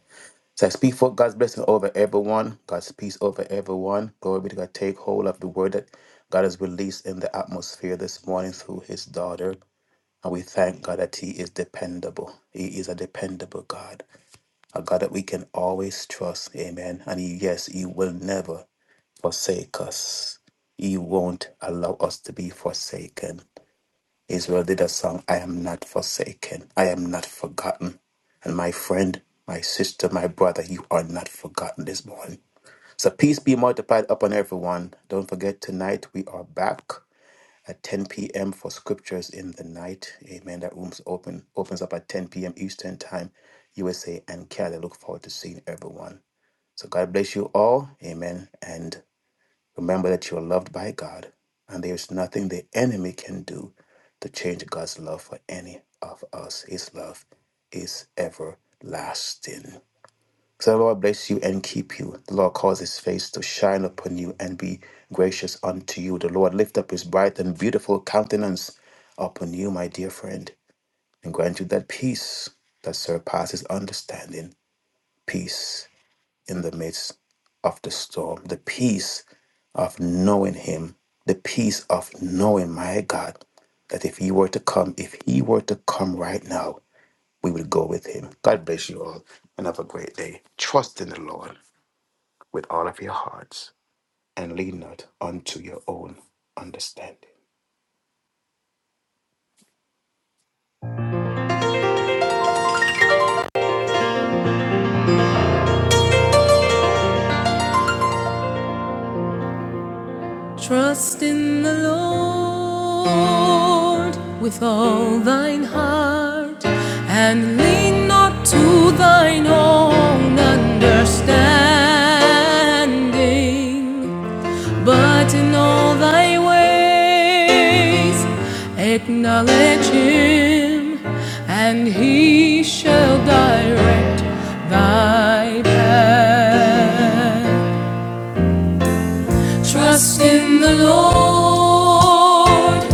So I speak for God's blessing over everyone, God's peace over everyone. Glory be to God. Take hold of the word that God has released in the atmosphere this morning through his daughter. And we thank God that he is dependable. He is a dependable God, a God that we can always trust. Amen. And he, yes, he will never forsake us. He won't allow us to be forsaken. Israel did a song, I am not forsaken, I am not forgotten. And my friend, my sister, my brother, you are not forgotten this morning. So peace be multiplied upon everyone. Don't forget, tonight we are back at 10 p.m. for scriptures in the night. Amen. That room's open, opens up at 10 p.m. Eastern Time, USA and Canada. Look forward to seeing everyone. So God bless you all. Amen. And Remember that you are loved by God, and there is nothing the enemy can do to change God's love for any of us. His love is everlasting. So the Lord bless you and keep you. The Lord cause his face to shine upon you and be gracious unto you. The Lord lift up his bright and beautiful countenance upon you, my dear friend, and grant you that peace that surpasses understanding. Peace in the midst of the storm, the peace of knowing Him, the peace of knowing my God, that if He were to come, if He were to come right now, we would go with Him. God bless you all and have a great day. Trust in the Lord with all of your hearts and lean not unto your own understanding. Trust in the Lord with all thine heart and lean not to thine own understanding, but in all thy ways acknowledge him, and he shall direct thy path. Trust in the Lord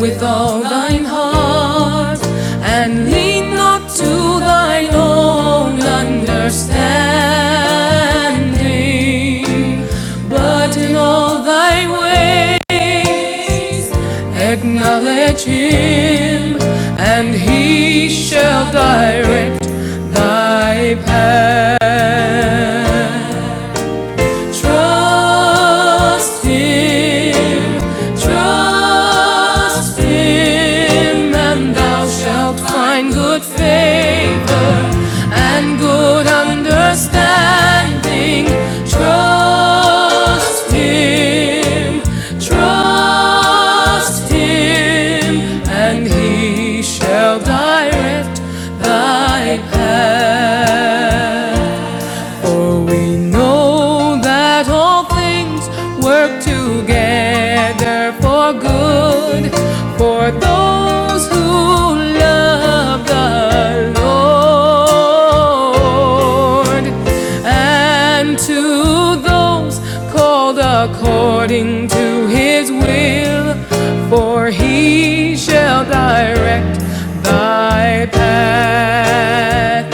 with all thine heart, and lean not to thine own understanding, but in all thy ways acknowledge him, and he shall direct thy path. Trust him, trust him, and thou shalt find good favor and good understanding. Trust him, trust him, and he shall direct thy path. For we know that all things work together for good for those who love the Lord and to those called according to his will, for he shall direct thy path.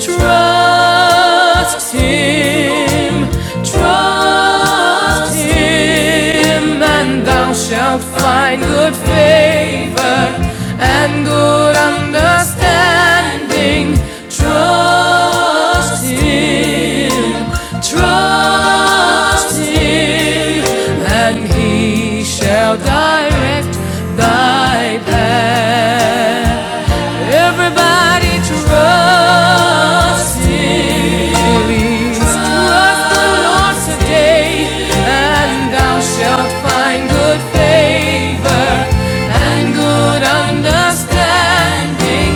Trust him, trust him, and thou shalt find good favor and good understanding. Trust him, trust him, and he shall direct thy path. Everybody trust Him. trust the Lord today, and thou shalt find good favor and good understanding.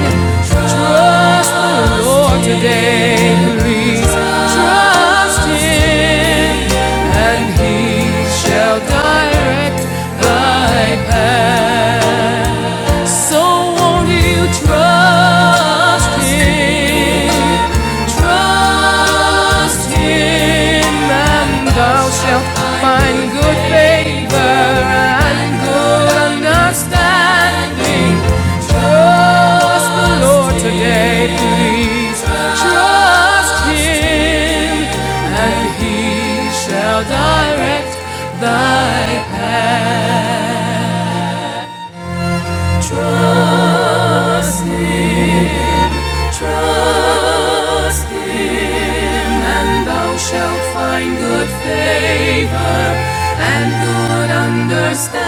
Trust the Lord today. Please trust Him, and He shall direct thy path. So won't you trust him? Trust him, and thou shalt find good favor and good understanding. Trust the Lord today, please. Trust him, and he shall direct thy path. Trust Him, trust Him, and thou shalt find good favor and good understanding.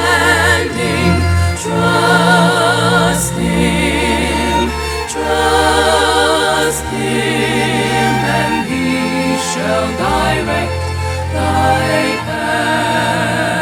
Trust Him, trust Him, and He shall direct thy path.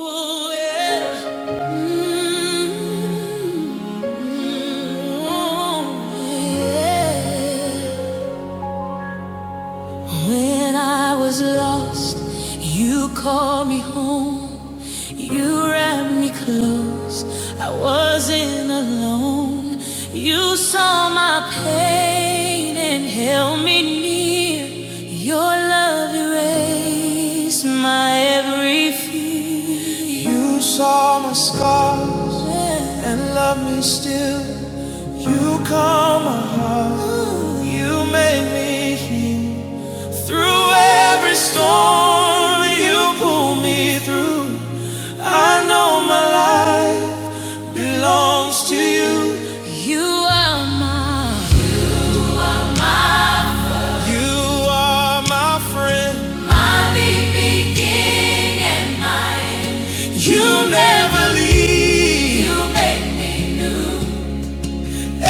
Oh, yeah. Oh, yeah. When I was lost, you called me home. You wrapped me close. I wasn't alone. You saw my pain and held me near. Your love erased my every fear. You saw my scars and loved me still. You calmed my heart. You made me heal. Through every storm, you pull me through. I know my longs to you. Are my, you are my friend. My beginning and my. end. You you never leave. You make me.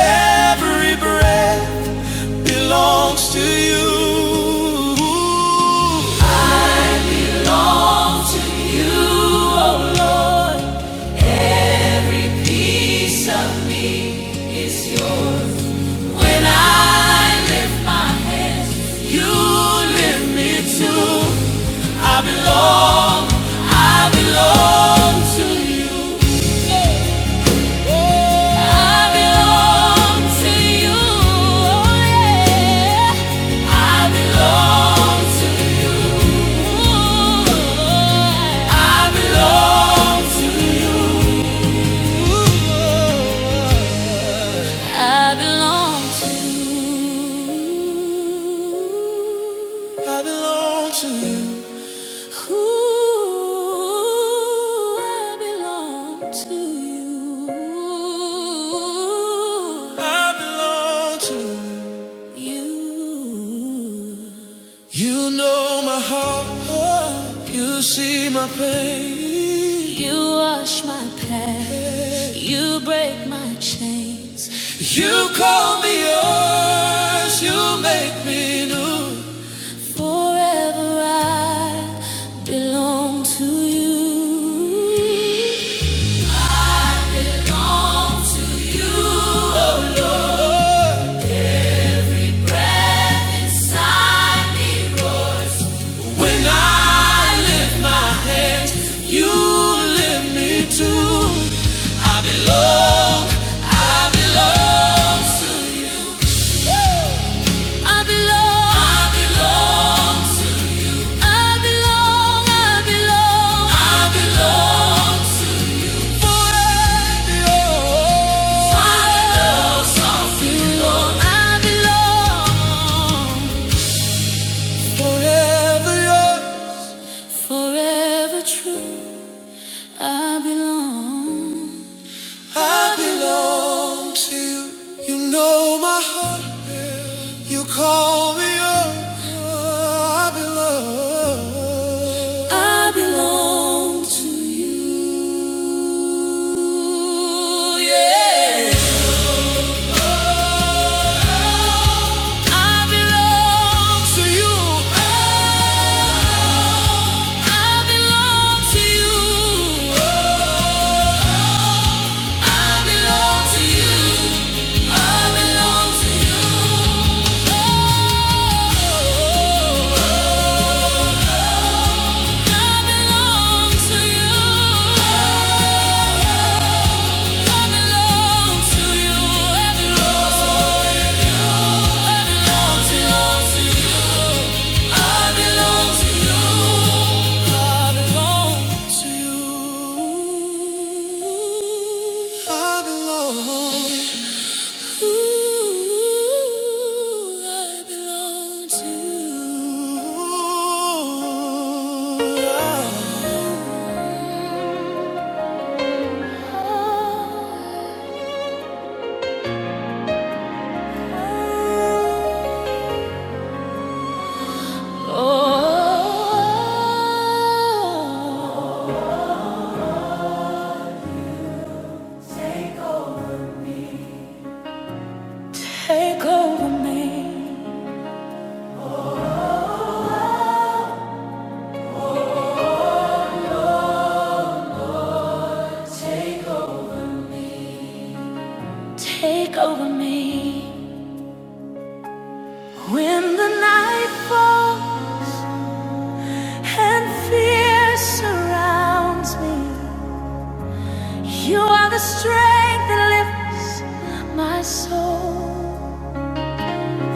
Every breath belongs to you. All to you, oh Lord. Every piece of me is yours. When I lift my hands, you lift me too. I belong, I belong to you. I belong to you. Oh, yeah. I belong to you. I belong to you. I belong to. I belong to you. Ooh, I belong to you. I belong to you. You know my heart, you see my pain. You wash my past, you break my chains. You call me yours, you make me new. Forever I belong to you. Belong to you, oh Lord. When I lift my hands, you lift me too. I belong, I belong to you. I belong, I belong to I belong, I belong, I belong to you. Forever yours. I belong, I belong. Forever yours, Forever true, I belong. I belong to you. You know my heart, you call me yours. I belong. I belong to you. Yeah. Oh, I belong To you, Oh, I belong to you. Oh, you Take over me. Take over me. Take over me. When the night falls and fear surrounds me, you are the strength that lifts my soul.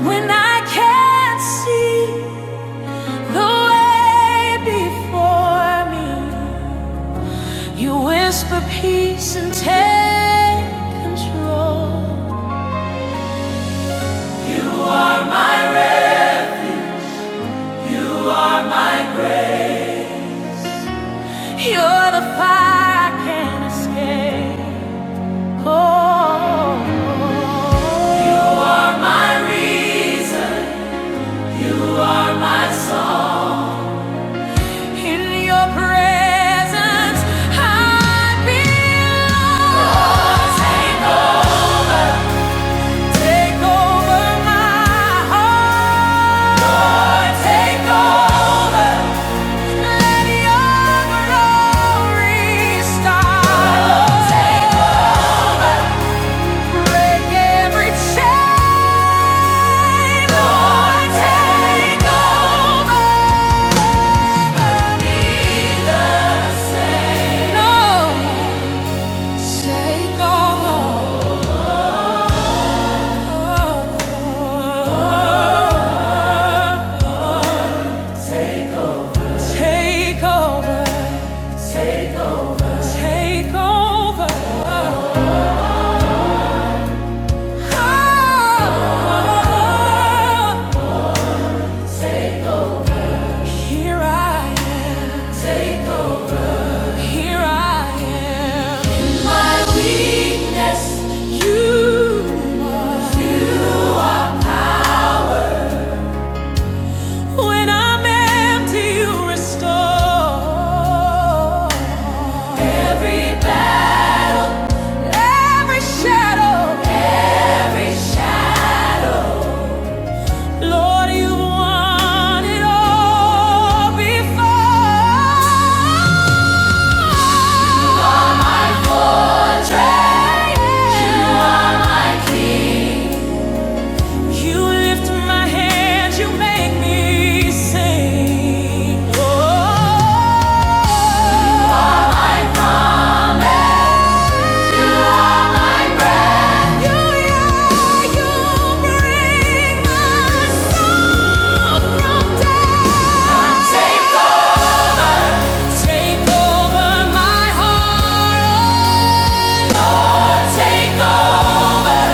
When I can't see the way before me, you whisper peace and take control. You're the fire I can't escape. Oh, you are my reason, you are my song. In your presence, I belong. Oh, Take over, take over my heart. Lord, Take over, let your glory start. Oh, take Break every chain, Lord, take over. No, shake over. Take over. Take over. Take over. Here I am. Take over. Here I am. In my weakness, you are. You are. my. When I'm empty, you restore. Every battle. Every shadow. Every shadow. Lord, you won it all before. You lift my hands, you make me sing. Oh, you, yeah, you bring my soul from death. Take over, take over my heart. Oh, take over.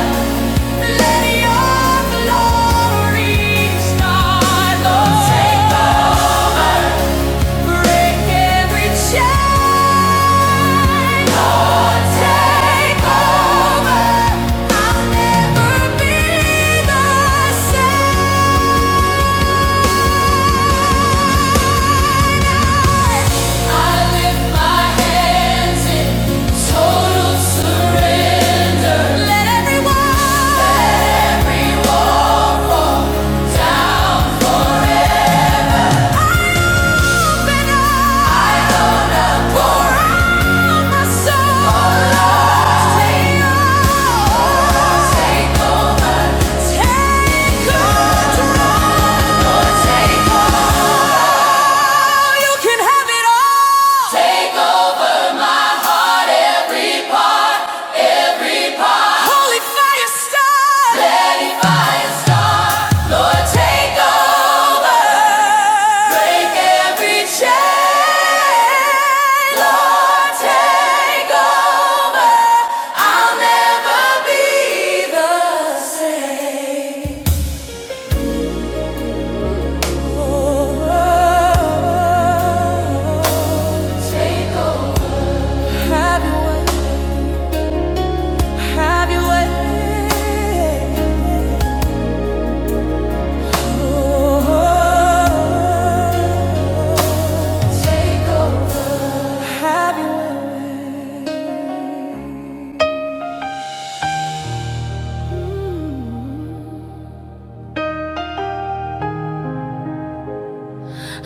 Total surrender. Let everyone, down. Take control. You can have it all. Holy fire star, Lady fire star, Lord take over, break every chain, Lord take over. I'll never be the same.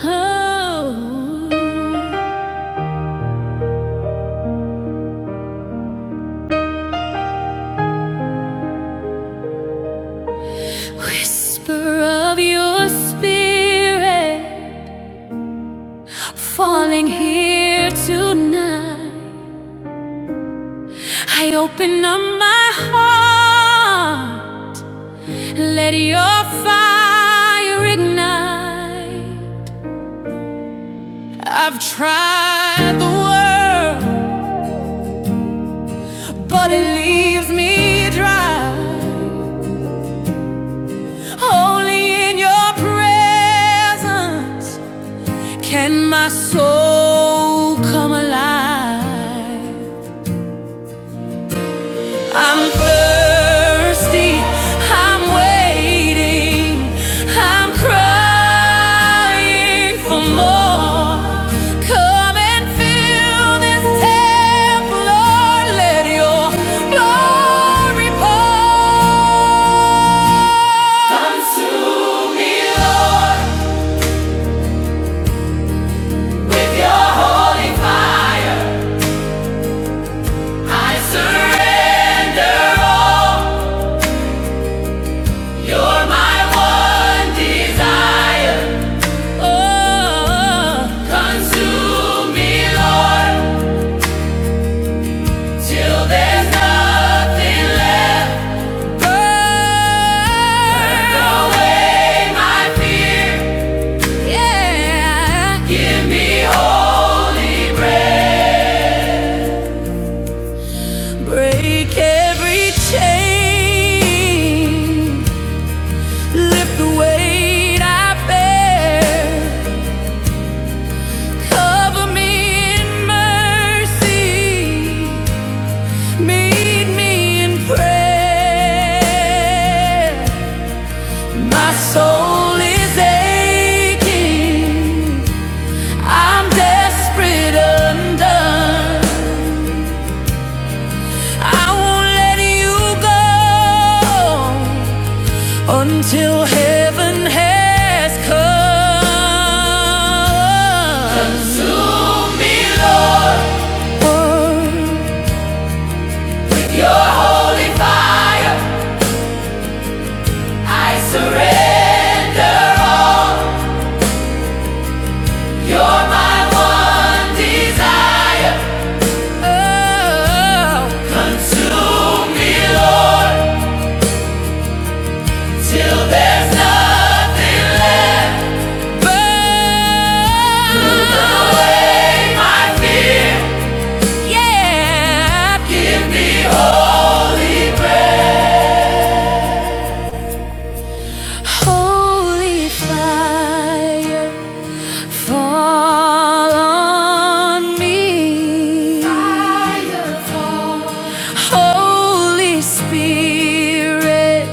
Oh, whisper of your spirit falling here tonight. I open up my heart, let your fire ignite. I've tried the world, but it leaves me dry. Only in your presence can my soul come alive. I'm thirsty. I'm waiting. I'm crying for more. Come and fill this temple, Lord. Let your glory pour. Consume me, Lord, with your holy fire. I surrender all. You're my one desire. Oh, consume me, Lord, till there's nothing left. Burn away my fear. Yeah. Break every chain. Lift the weight I bear. Cover me in mercy. Lead me in prayer. My soul is aching. I'm desperate, undone. I won't let you go until heaven has come. Consume me, Lord, oh, with Your holy fire. I surrender all. You're my one desire. Consume me, Lord, till there's nothing left. Burn away my fear. Yeah, holy fire. fall on me. Fire fall. Holy Spirit,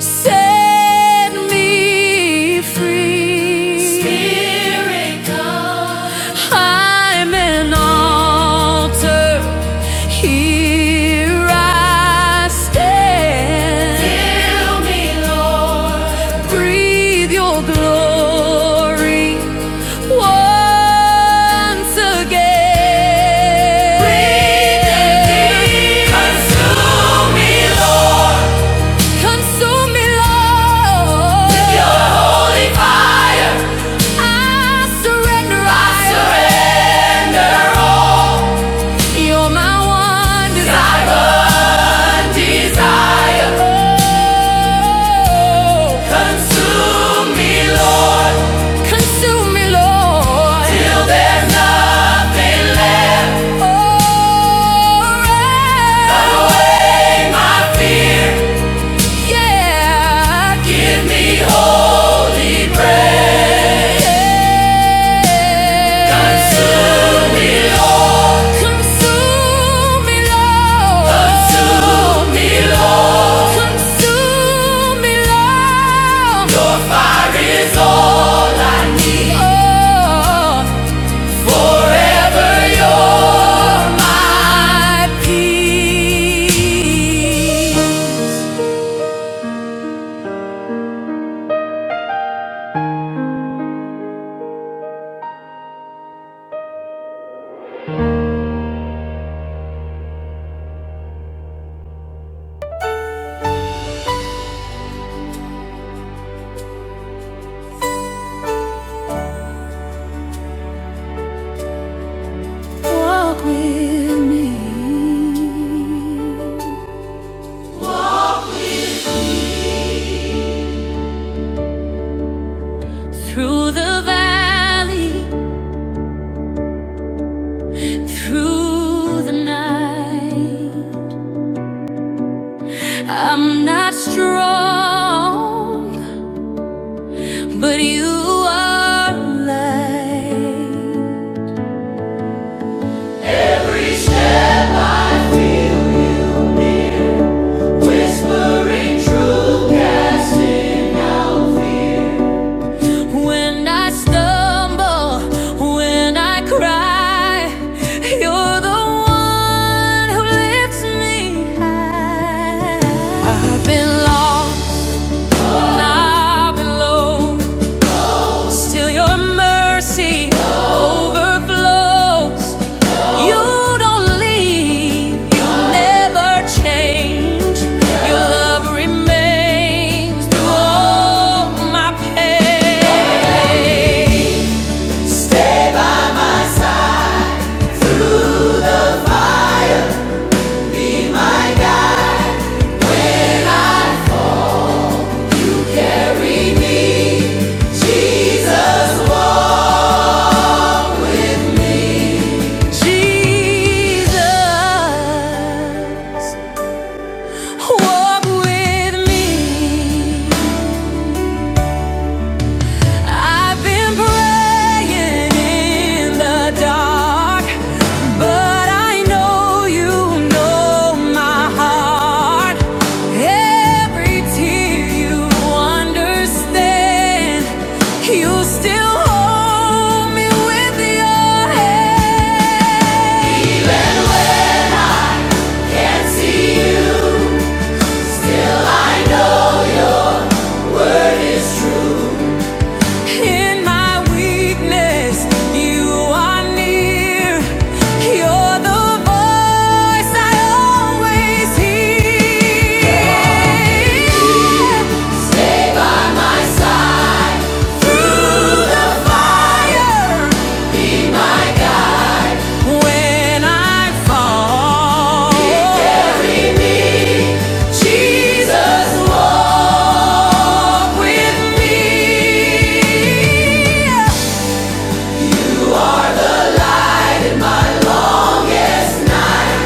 set me free. Spirit, come. I'm an altar here I stand. Fill me, Lord. Breathe your glory once again. Breathe again. Consume me, Lord. Consume me, Lord. With your holy fire. I surrender all. You're my one desire, desire. Oh, Consume me, Lord. Consume me, Lord. Till there's nothing left. Oh, cut away my fear. Yeah. Give me holy bread. Yeah. Consume me, Lord. Consume me, Lord. Consume me, Lord. Consume me, Lord. Your fire is all I need. Oh, Forever are my peace. Walk with me through the valley, through the night. I'm not strong, but you are light. Every step I feel, Whispering truth, casting out fear. When I stumble, when I cry, you're the one who lifts me high. I've been long, I've been low, still your mercy overflows. You don't leave, you never change. Your love remains through all my pain. Jesus, walk with me. I've been praying in the dark, but I know you know my heart. Every tear you understand, you still hold me with your hand. In my weakness, you are near. You're the voice I always hear. Stay by my side through the fire. When I fall, carry me, Jesus, walk with me. Are the light in my longest night,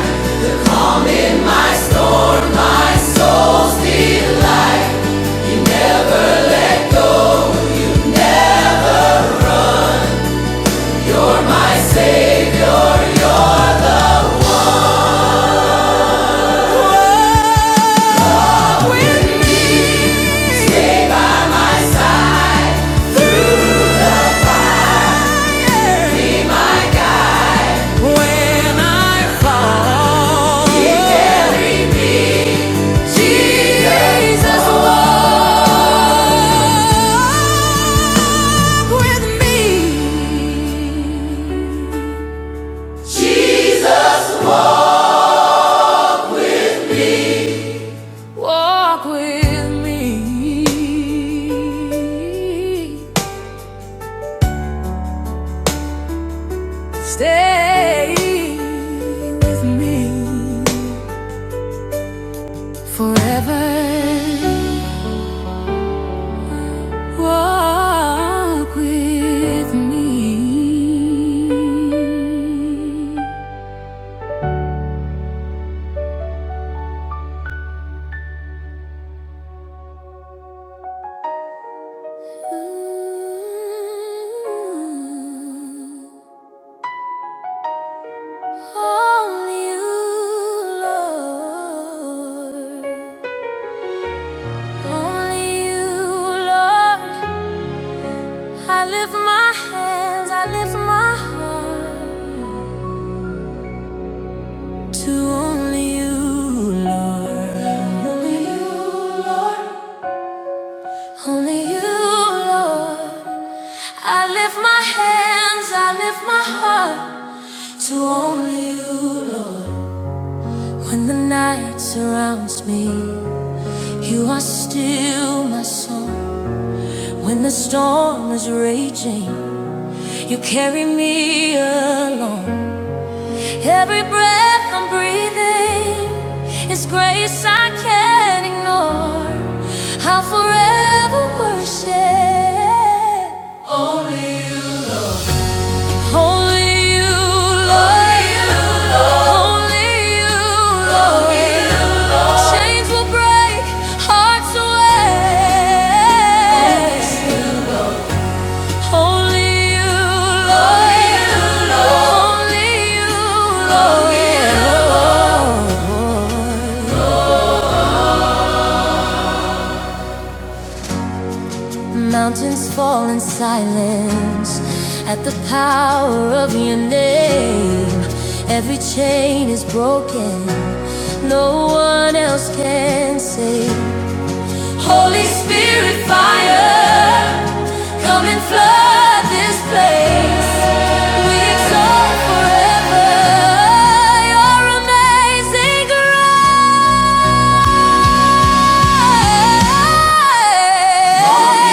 calm in my storm, my soul's delight. You never let go, you never. You're my savior, you're the one. Jesus, walk with me. Walk with me. Stay with me forever. Walk with me. Ooh, Only you, Lord. Only you, Lord. I lift my hands, I lift my heart. To only you, Lord. Only you, only you, Lord. I lift my hands, I lift my heart to only you. When the night surrounds me, you are still my song. When the storm is raging, you carry me along. Every breath I'm breathing is grace I can't ignore. I'll forever worship only you, only you, Lord. Only you, Lord. Chains will break, hearts will win. Only you, Lord. Only you, Lord. Mountains fall in silence at the power of your name. Every chain is broken, no one else can save. Holy Spirit, fire, come and flood this place. We exalt forever your amazing grace.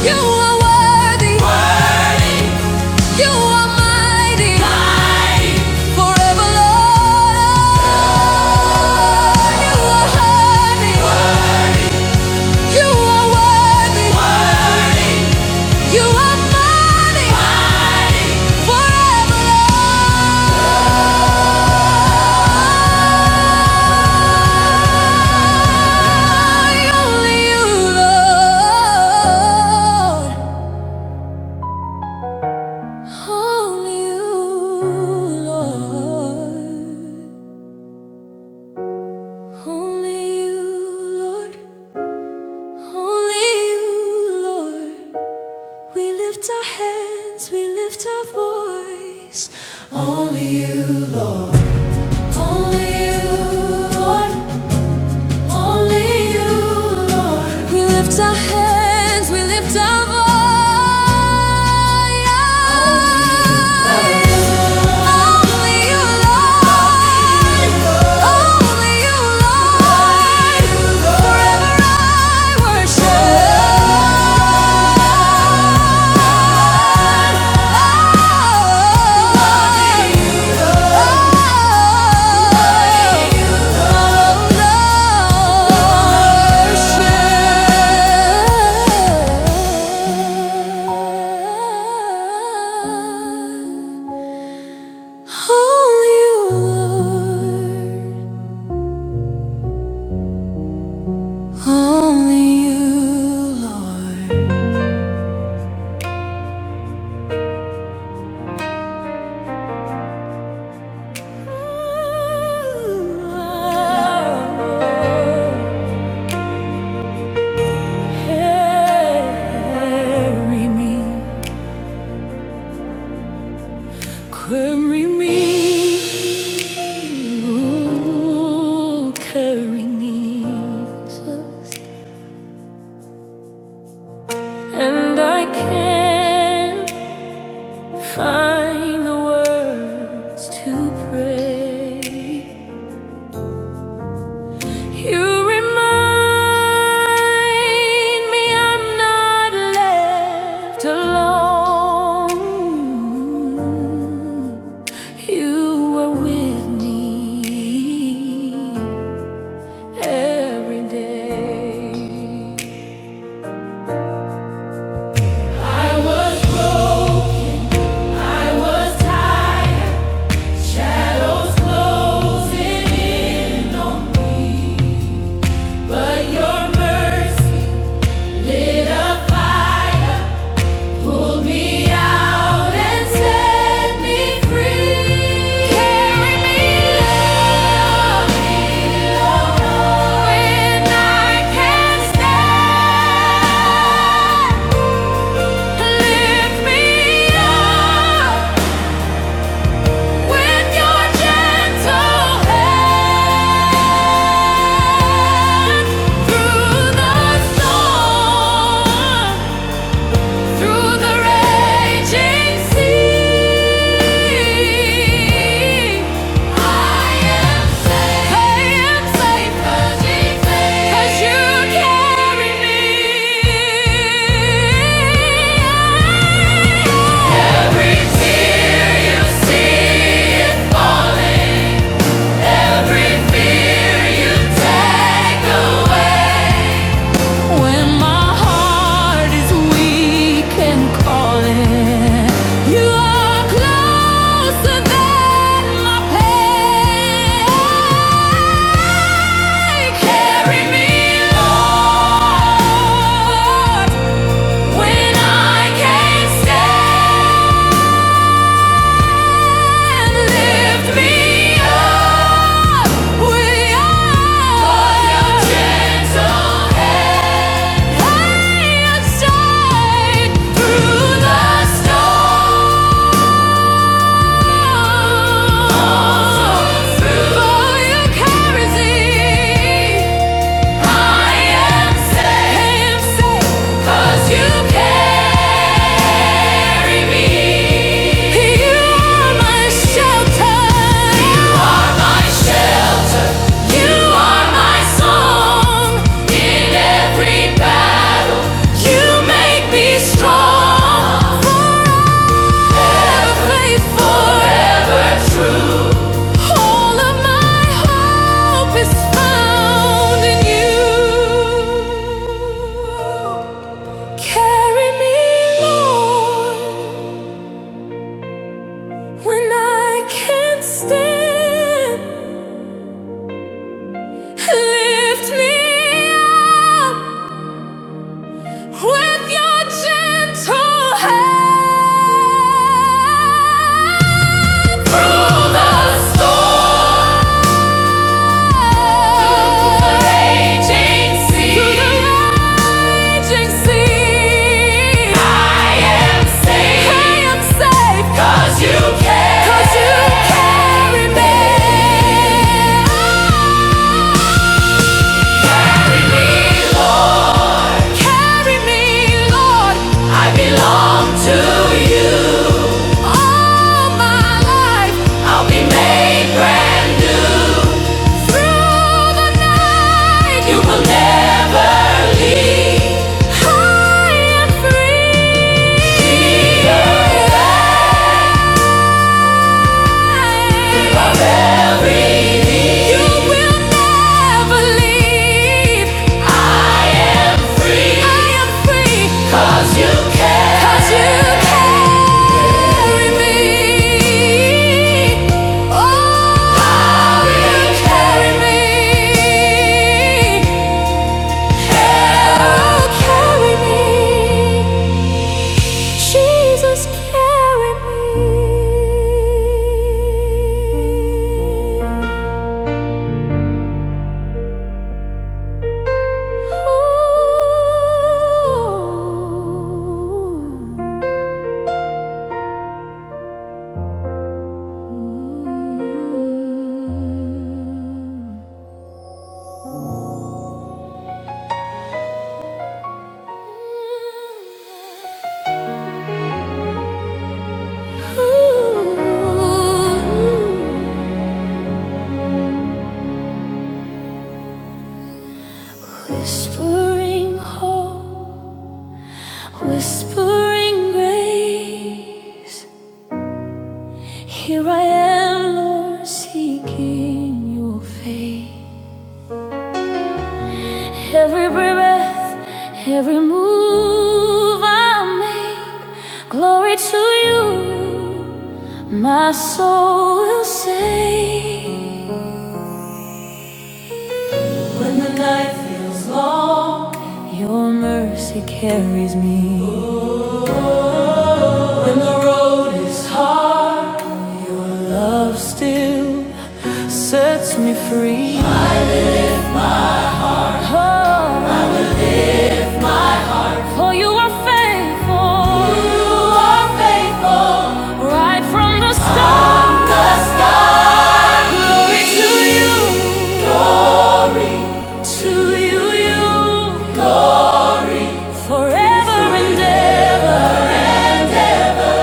You are worthy. worthy. You are mighty, mighty. forever, Lord. oh, You are worthy, worthy. you are worthy, worthy. you are mighty, mighty, forever, Lord. Only you, Lord. Only you, Lord. Only you, Lord. Only you, Lord. We lift our hands, we lift our voice. Only you, only you, Lord, only you, Lord. We lift our hands, we lift our voice. Worship. Carry me, ooh, carry me, Jesus. and I can't find the words to pray. You remind me I'm not left alone. You were with me every day. Took me out and set me free. Oh, when I can't stand. Me up, your gentle hand through the storm. Through the raging sea, I am safe. I you carry me. Every tear you see is falling. Every fear you take away. When my heart is weak and calling, you are closer than my pain. Carry me, Lord, when I can't stand. Through the storm, for you carry me. I am safe, cause you carry me. You are my shelter. You are my shelter. You are my song in every battle. You make me strong. With your gentle hand All my life, I'll be made brand new through the night. You will never leave. High and free. The earth Carry me. Oh, carry me. Jesus, carry me. Ooh. Ooh. Whispering hope, whispering grace. Here I am, Lord, seeking your face. Every breath, every move I make, glory to you, my soul will sing. When the night feels long, your mercy carries me. When the road is hard, love still sets me free. Oh. For you are faithful. You are faithful. Right from the start. From the start. Glory To you, to you, you. Forever and ever.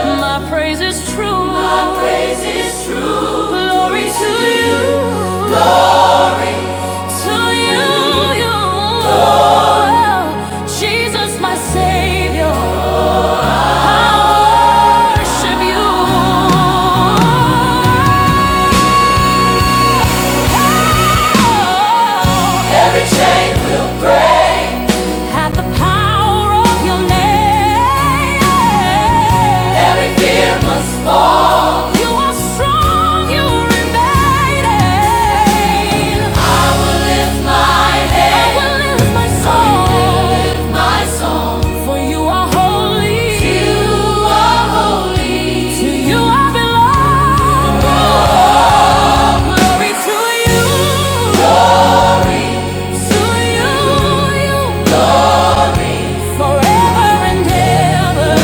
My praise is true. My praise is true. Glory to you. Glory to you, you. Lord. Jesus, my Savior. I worship you. Every chain will break at the power of your name. Every fear must fall. You are strong, you remain. I will lift my head. I will lift my soul, I will lift my song. For you are holy. To You are holy. To you I belong. Glory to you. Glory. To you, glory forever and ever.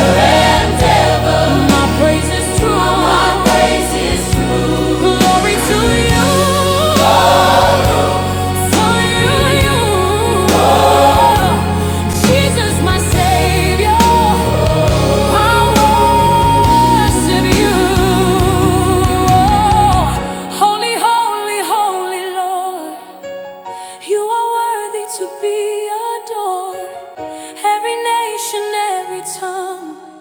My praise true. Glory to you. To you. Jesus, my Savior. I worship you. Holy, holy, holy Lord. You are worthy to be adored. Every nation, every tongue,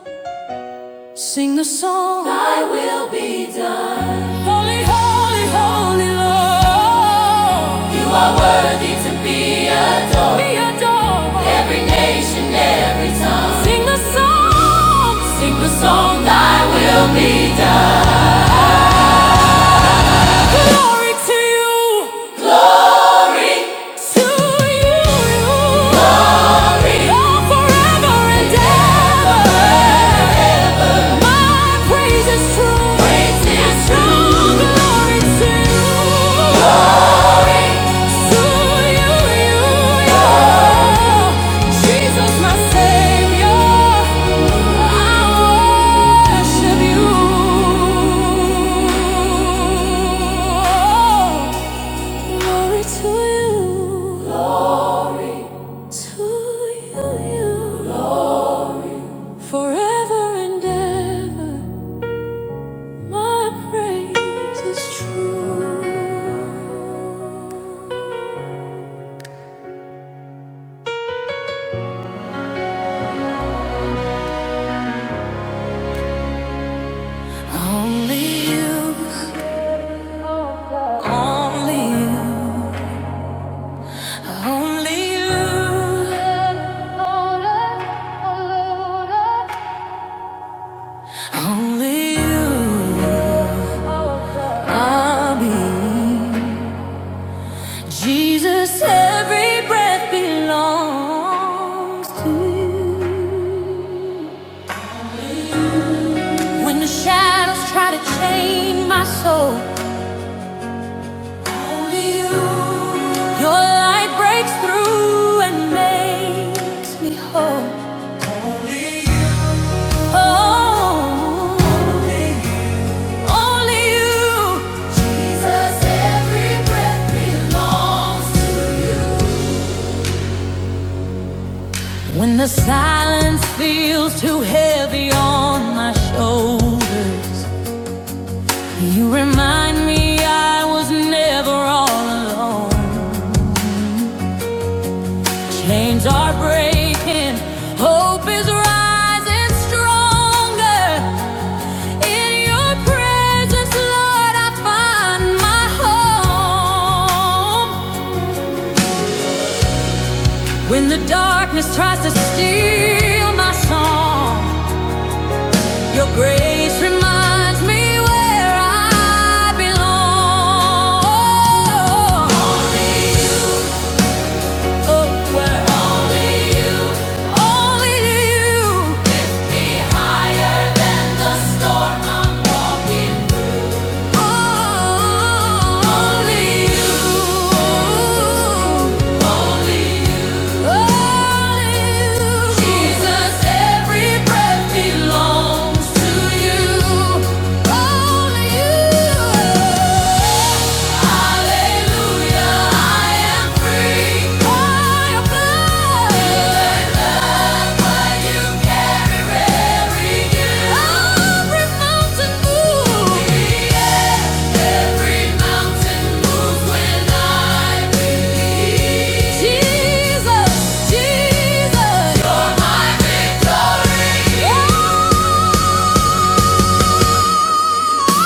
sing the song. Thy will be done. Holy, holy, holy Lord. You are worthy to be adored. Be adored. Every nation, every tongue, sing the song. Sing the song. Thy will be done. Glory to you. I worship you. Glory to you. Glory to you. you. Glory. Forever and ever, my praise is true. Only you, only you, only you, only you. I'll be Jesus. Every breath belongs to you. When the shadows try to chain my soul, Your light breaks through and makes me whole. Oh, only you. Jesus, every breath belongs to. When the silence feels too heavy on my shoulders, you remind me I was never all alone. Chains are breaking, hope is rising stronger. In your presence, Lord, I find my home. When the darkness tries to steal my song, your grace reminds me where I belong. Only you, oh, where only you, only you lift me higher than the storm I'm walking Hallelujah, I am free. Jesus, Jesus, you're my victory.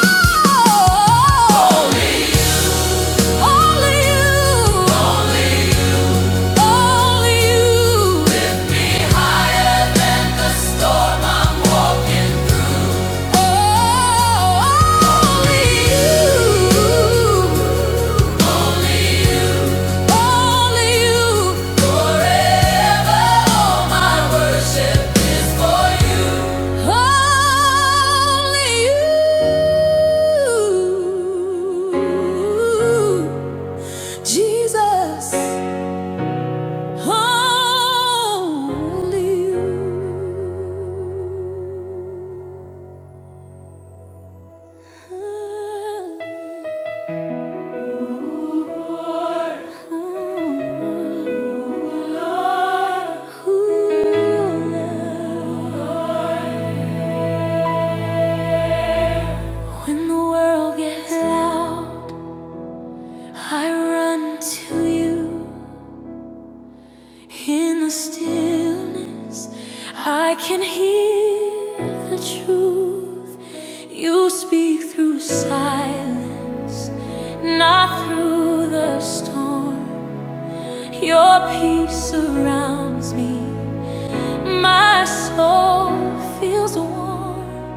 Oh, Holy only you. Only you. Oh, only you. Jesus, only you. Lord, who When the world gets loud, I run to you. In the stillness, I can hear the truth. You speak through silence, not through the storm. Your peace surrounds me. My soul feels warm.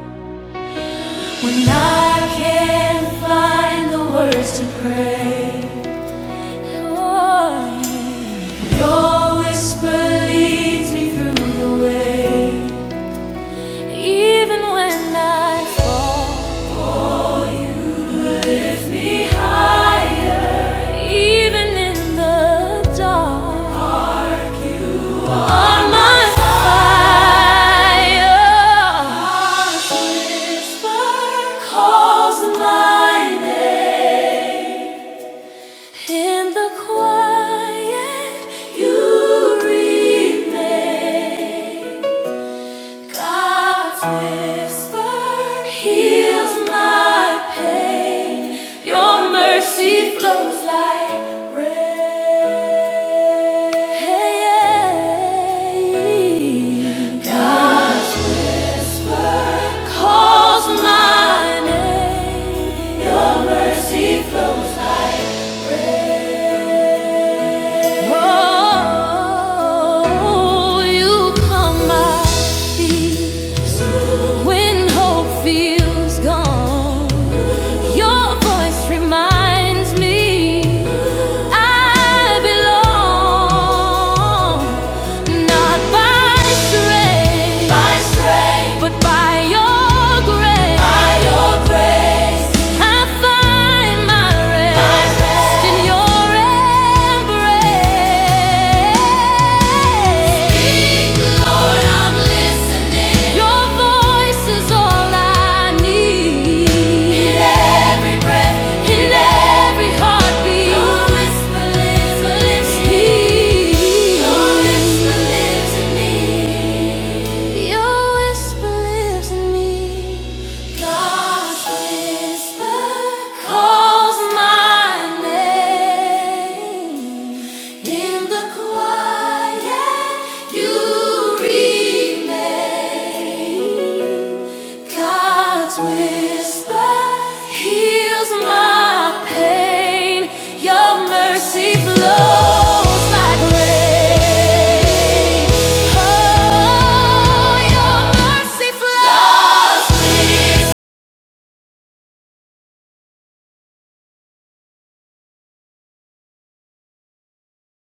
When I can't find the words to pray, Lord, Your whisper leads me through the way, even when I fall behind, even in the dark. You are my fire. Whisper calls my name in the quiet. You remain. God's whisper heals my pain. Your mercy flows like rain. God calls my name. Your mercy flows. Oh, you calm my fears when hope feels gone. Your voice reminds me I belong not by strength, by strength, but by your grace. By your grace, I find my rest, in your embrace. Calls my name. In the quiet, you remain. God's whisper heals my pain. Your mercy flows like rain. Oh, your mercy flows.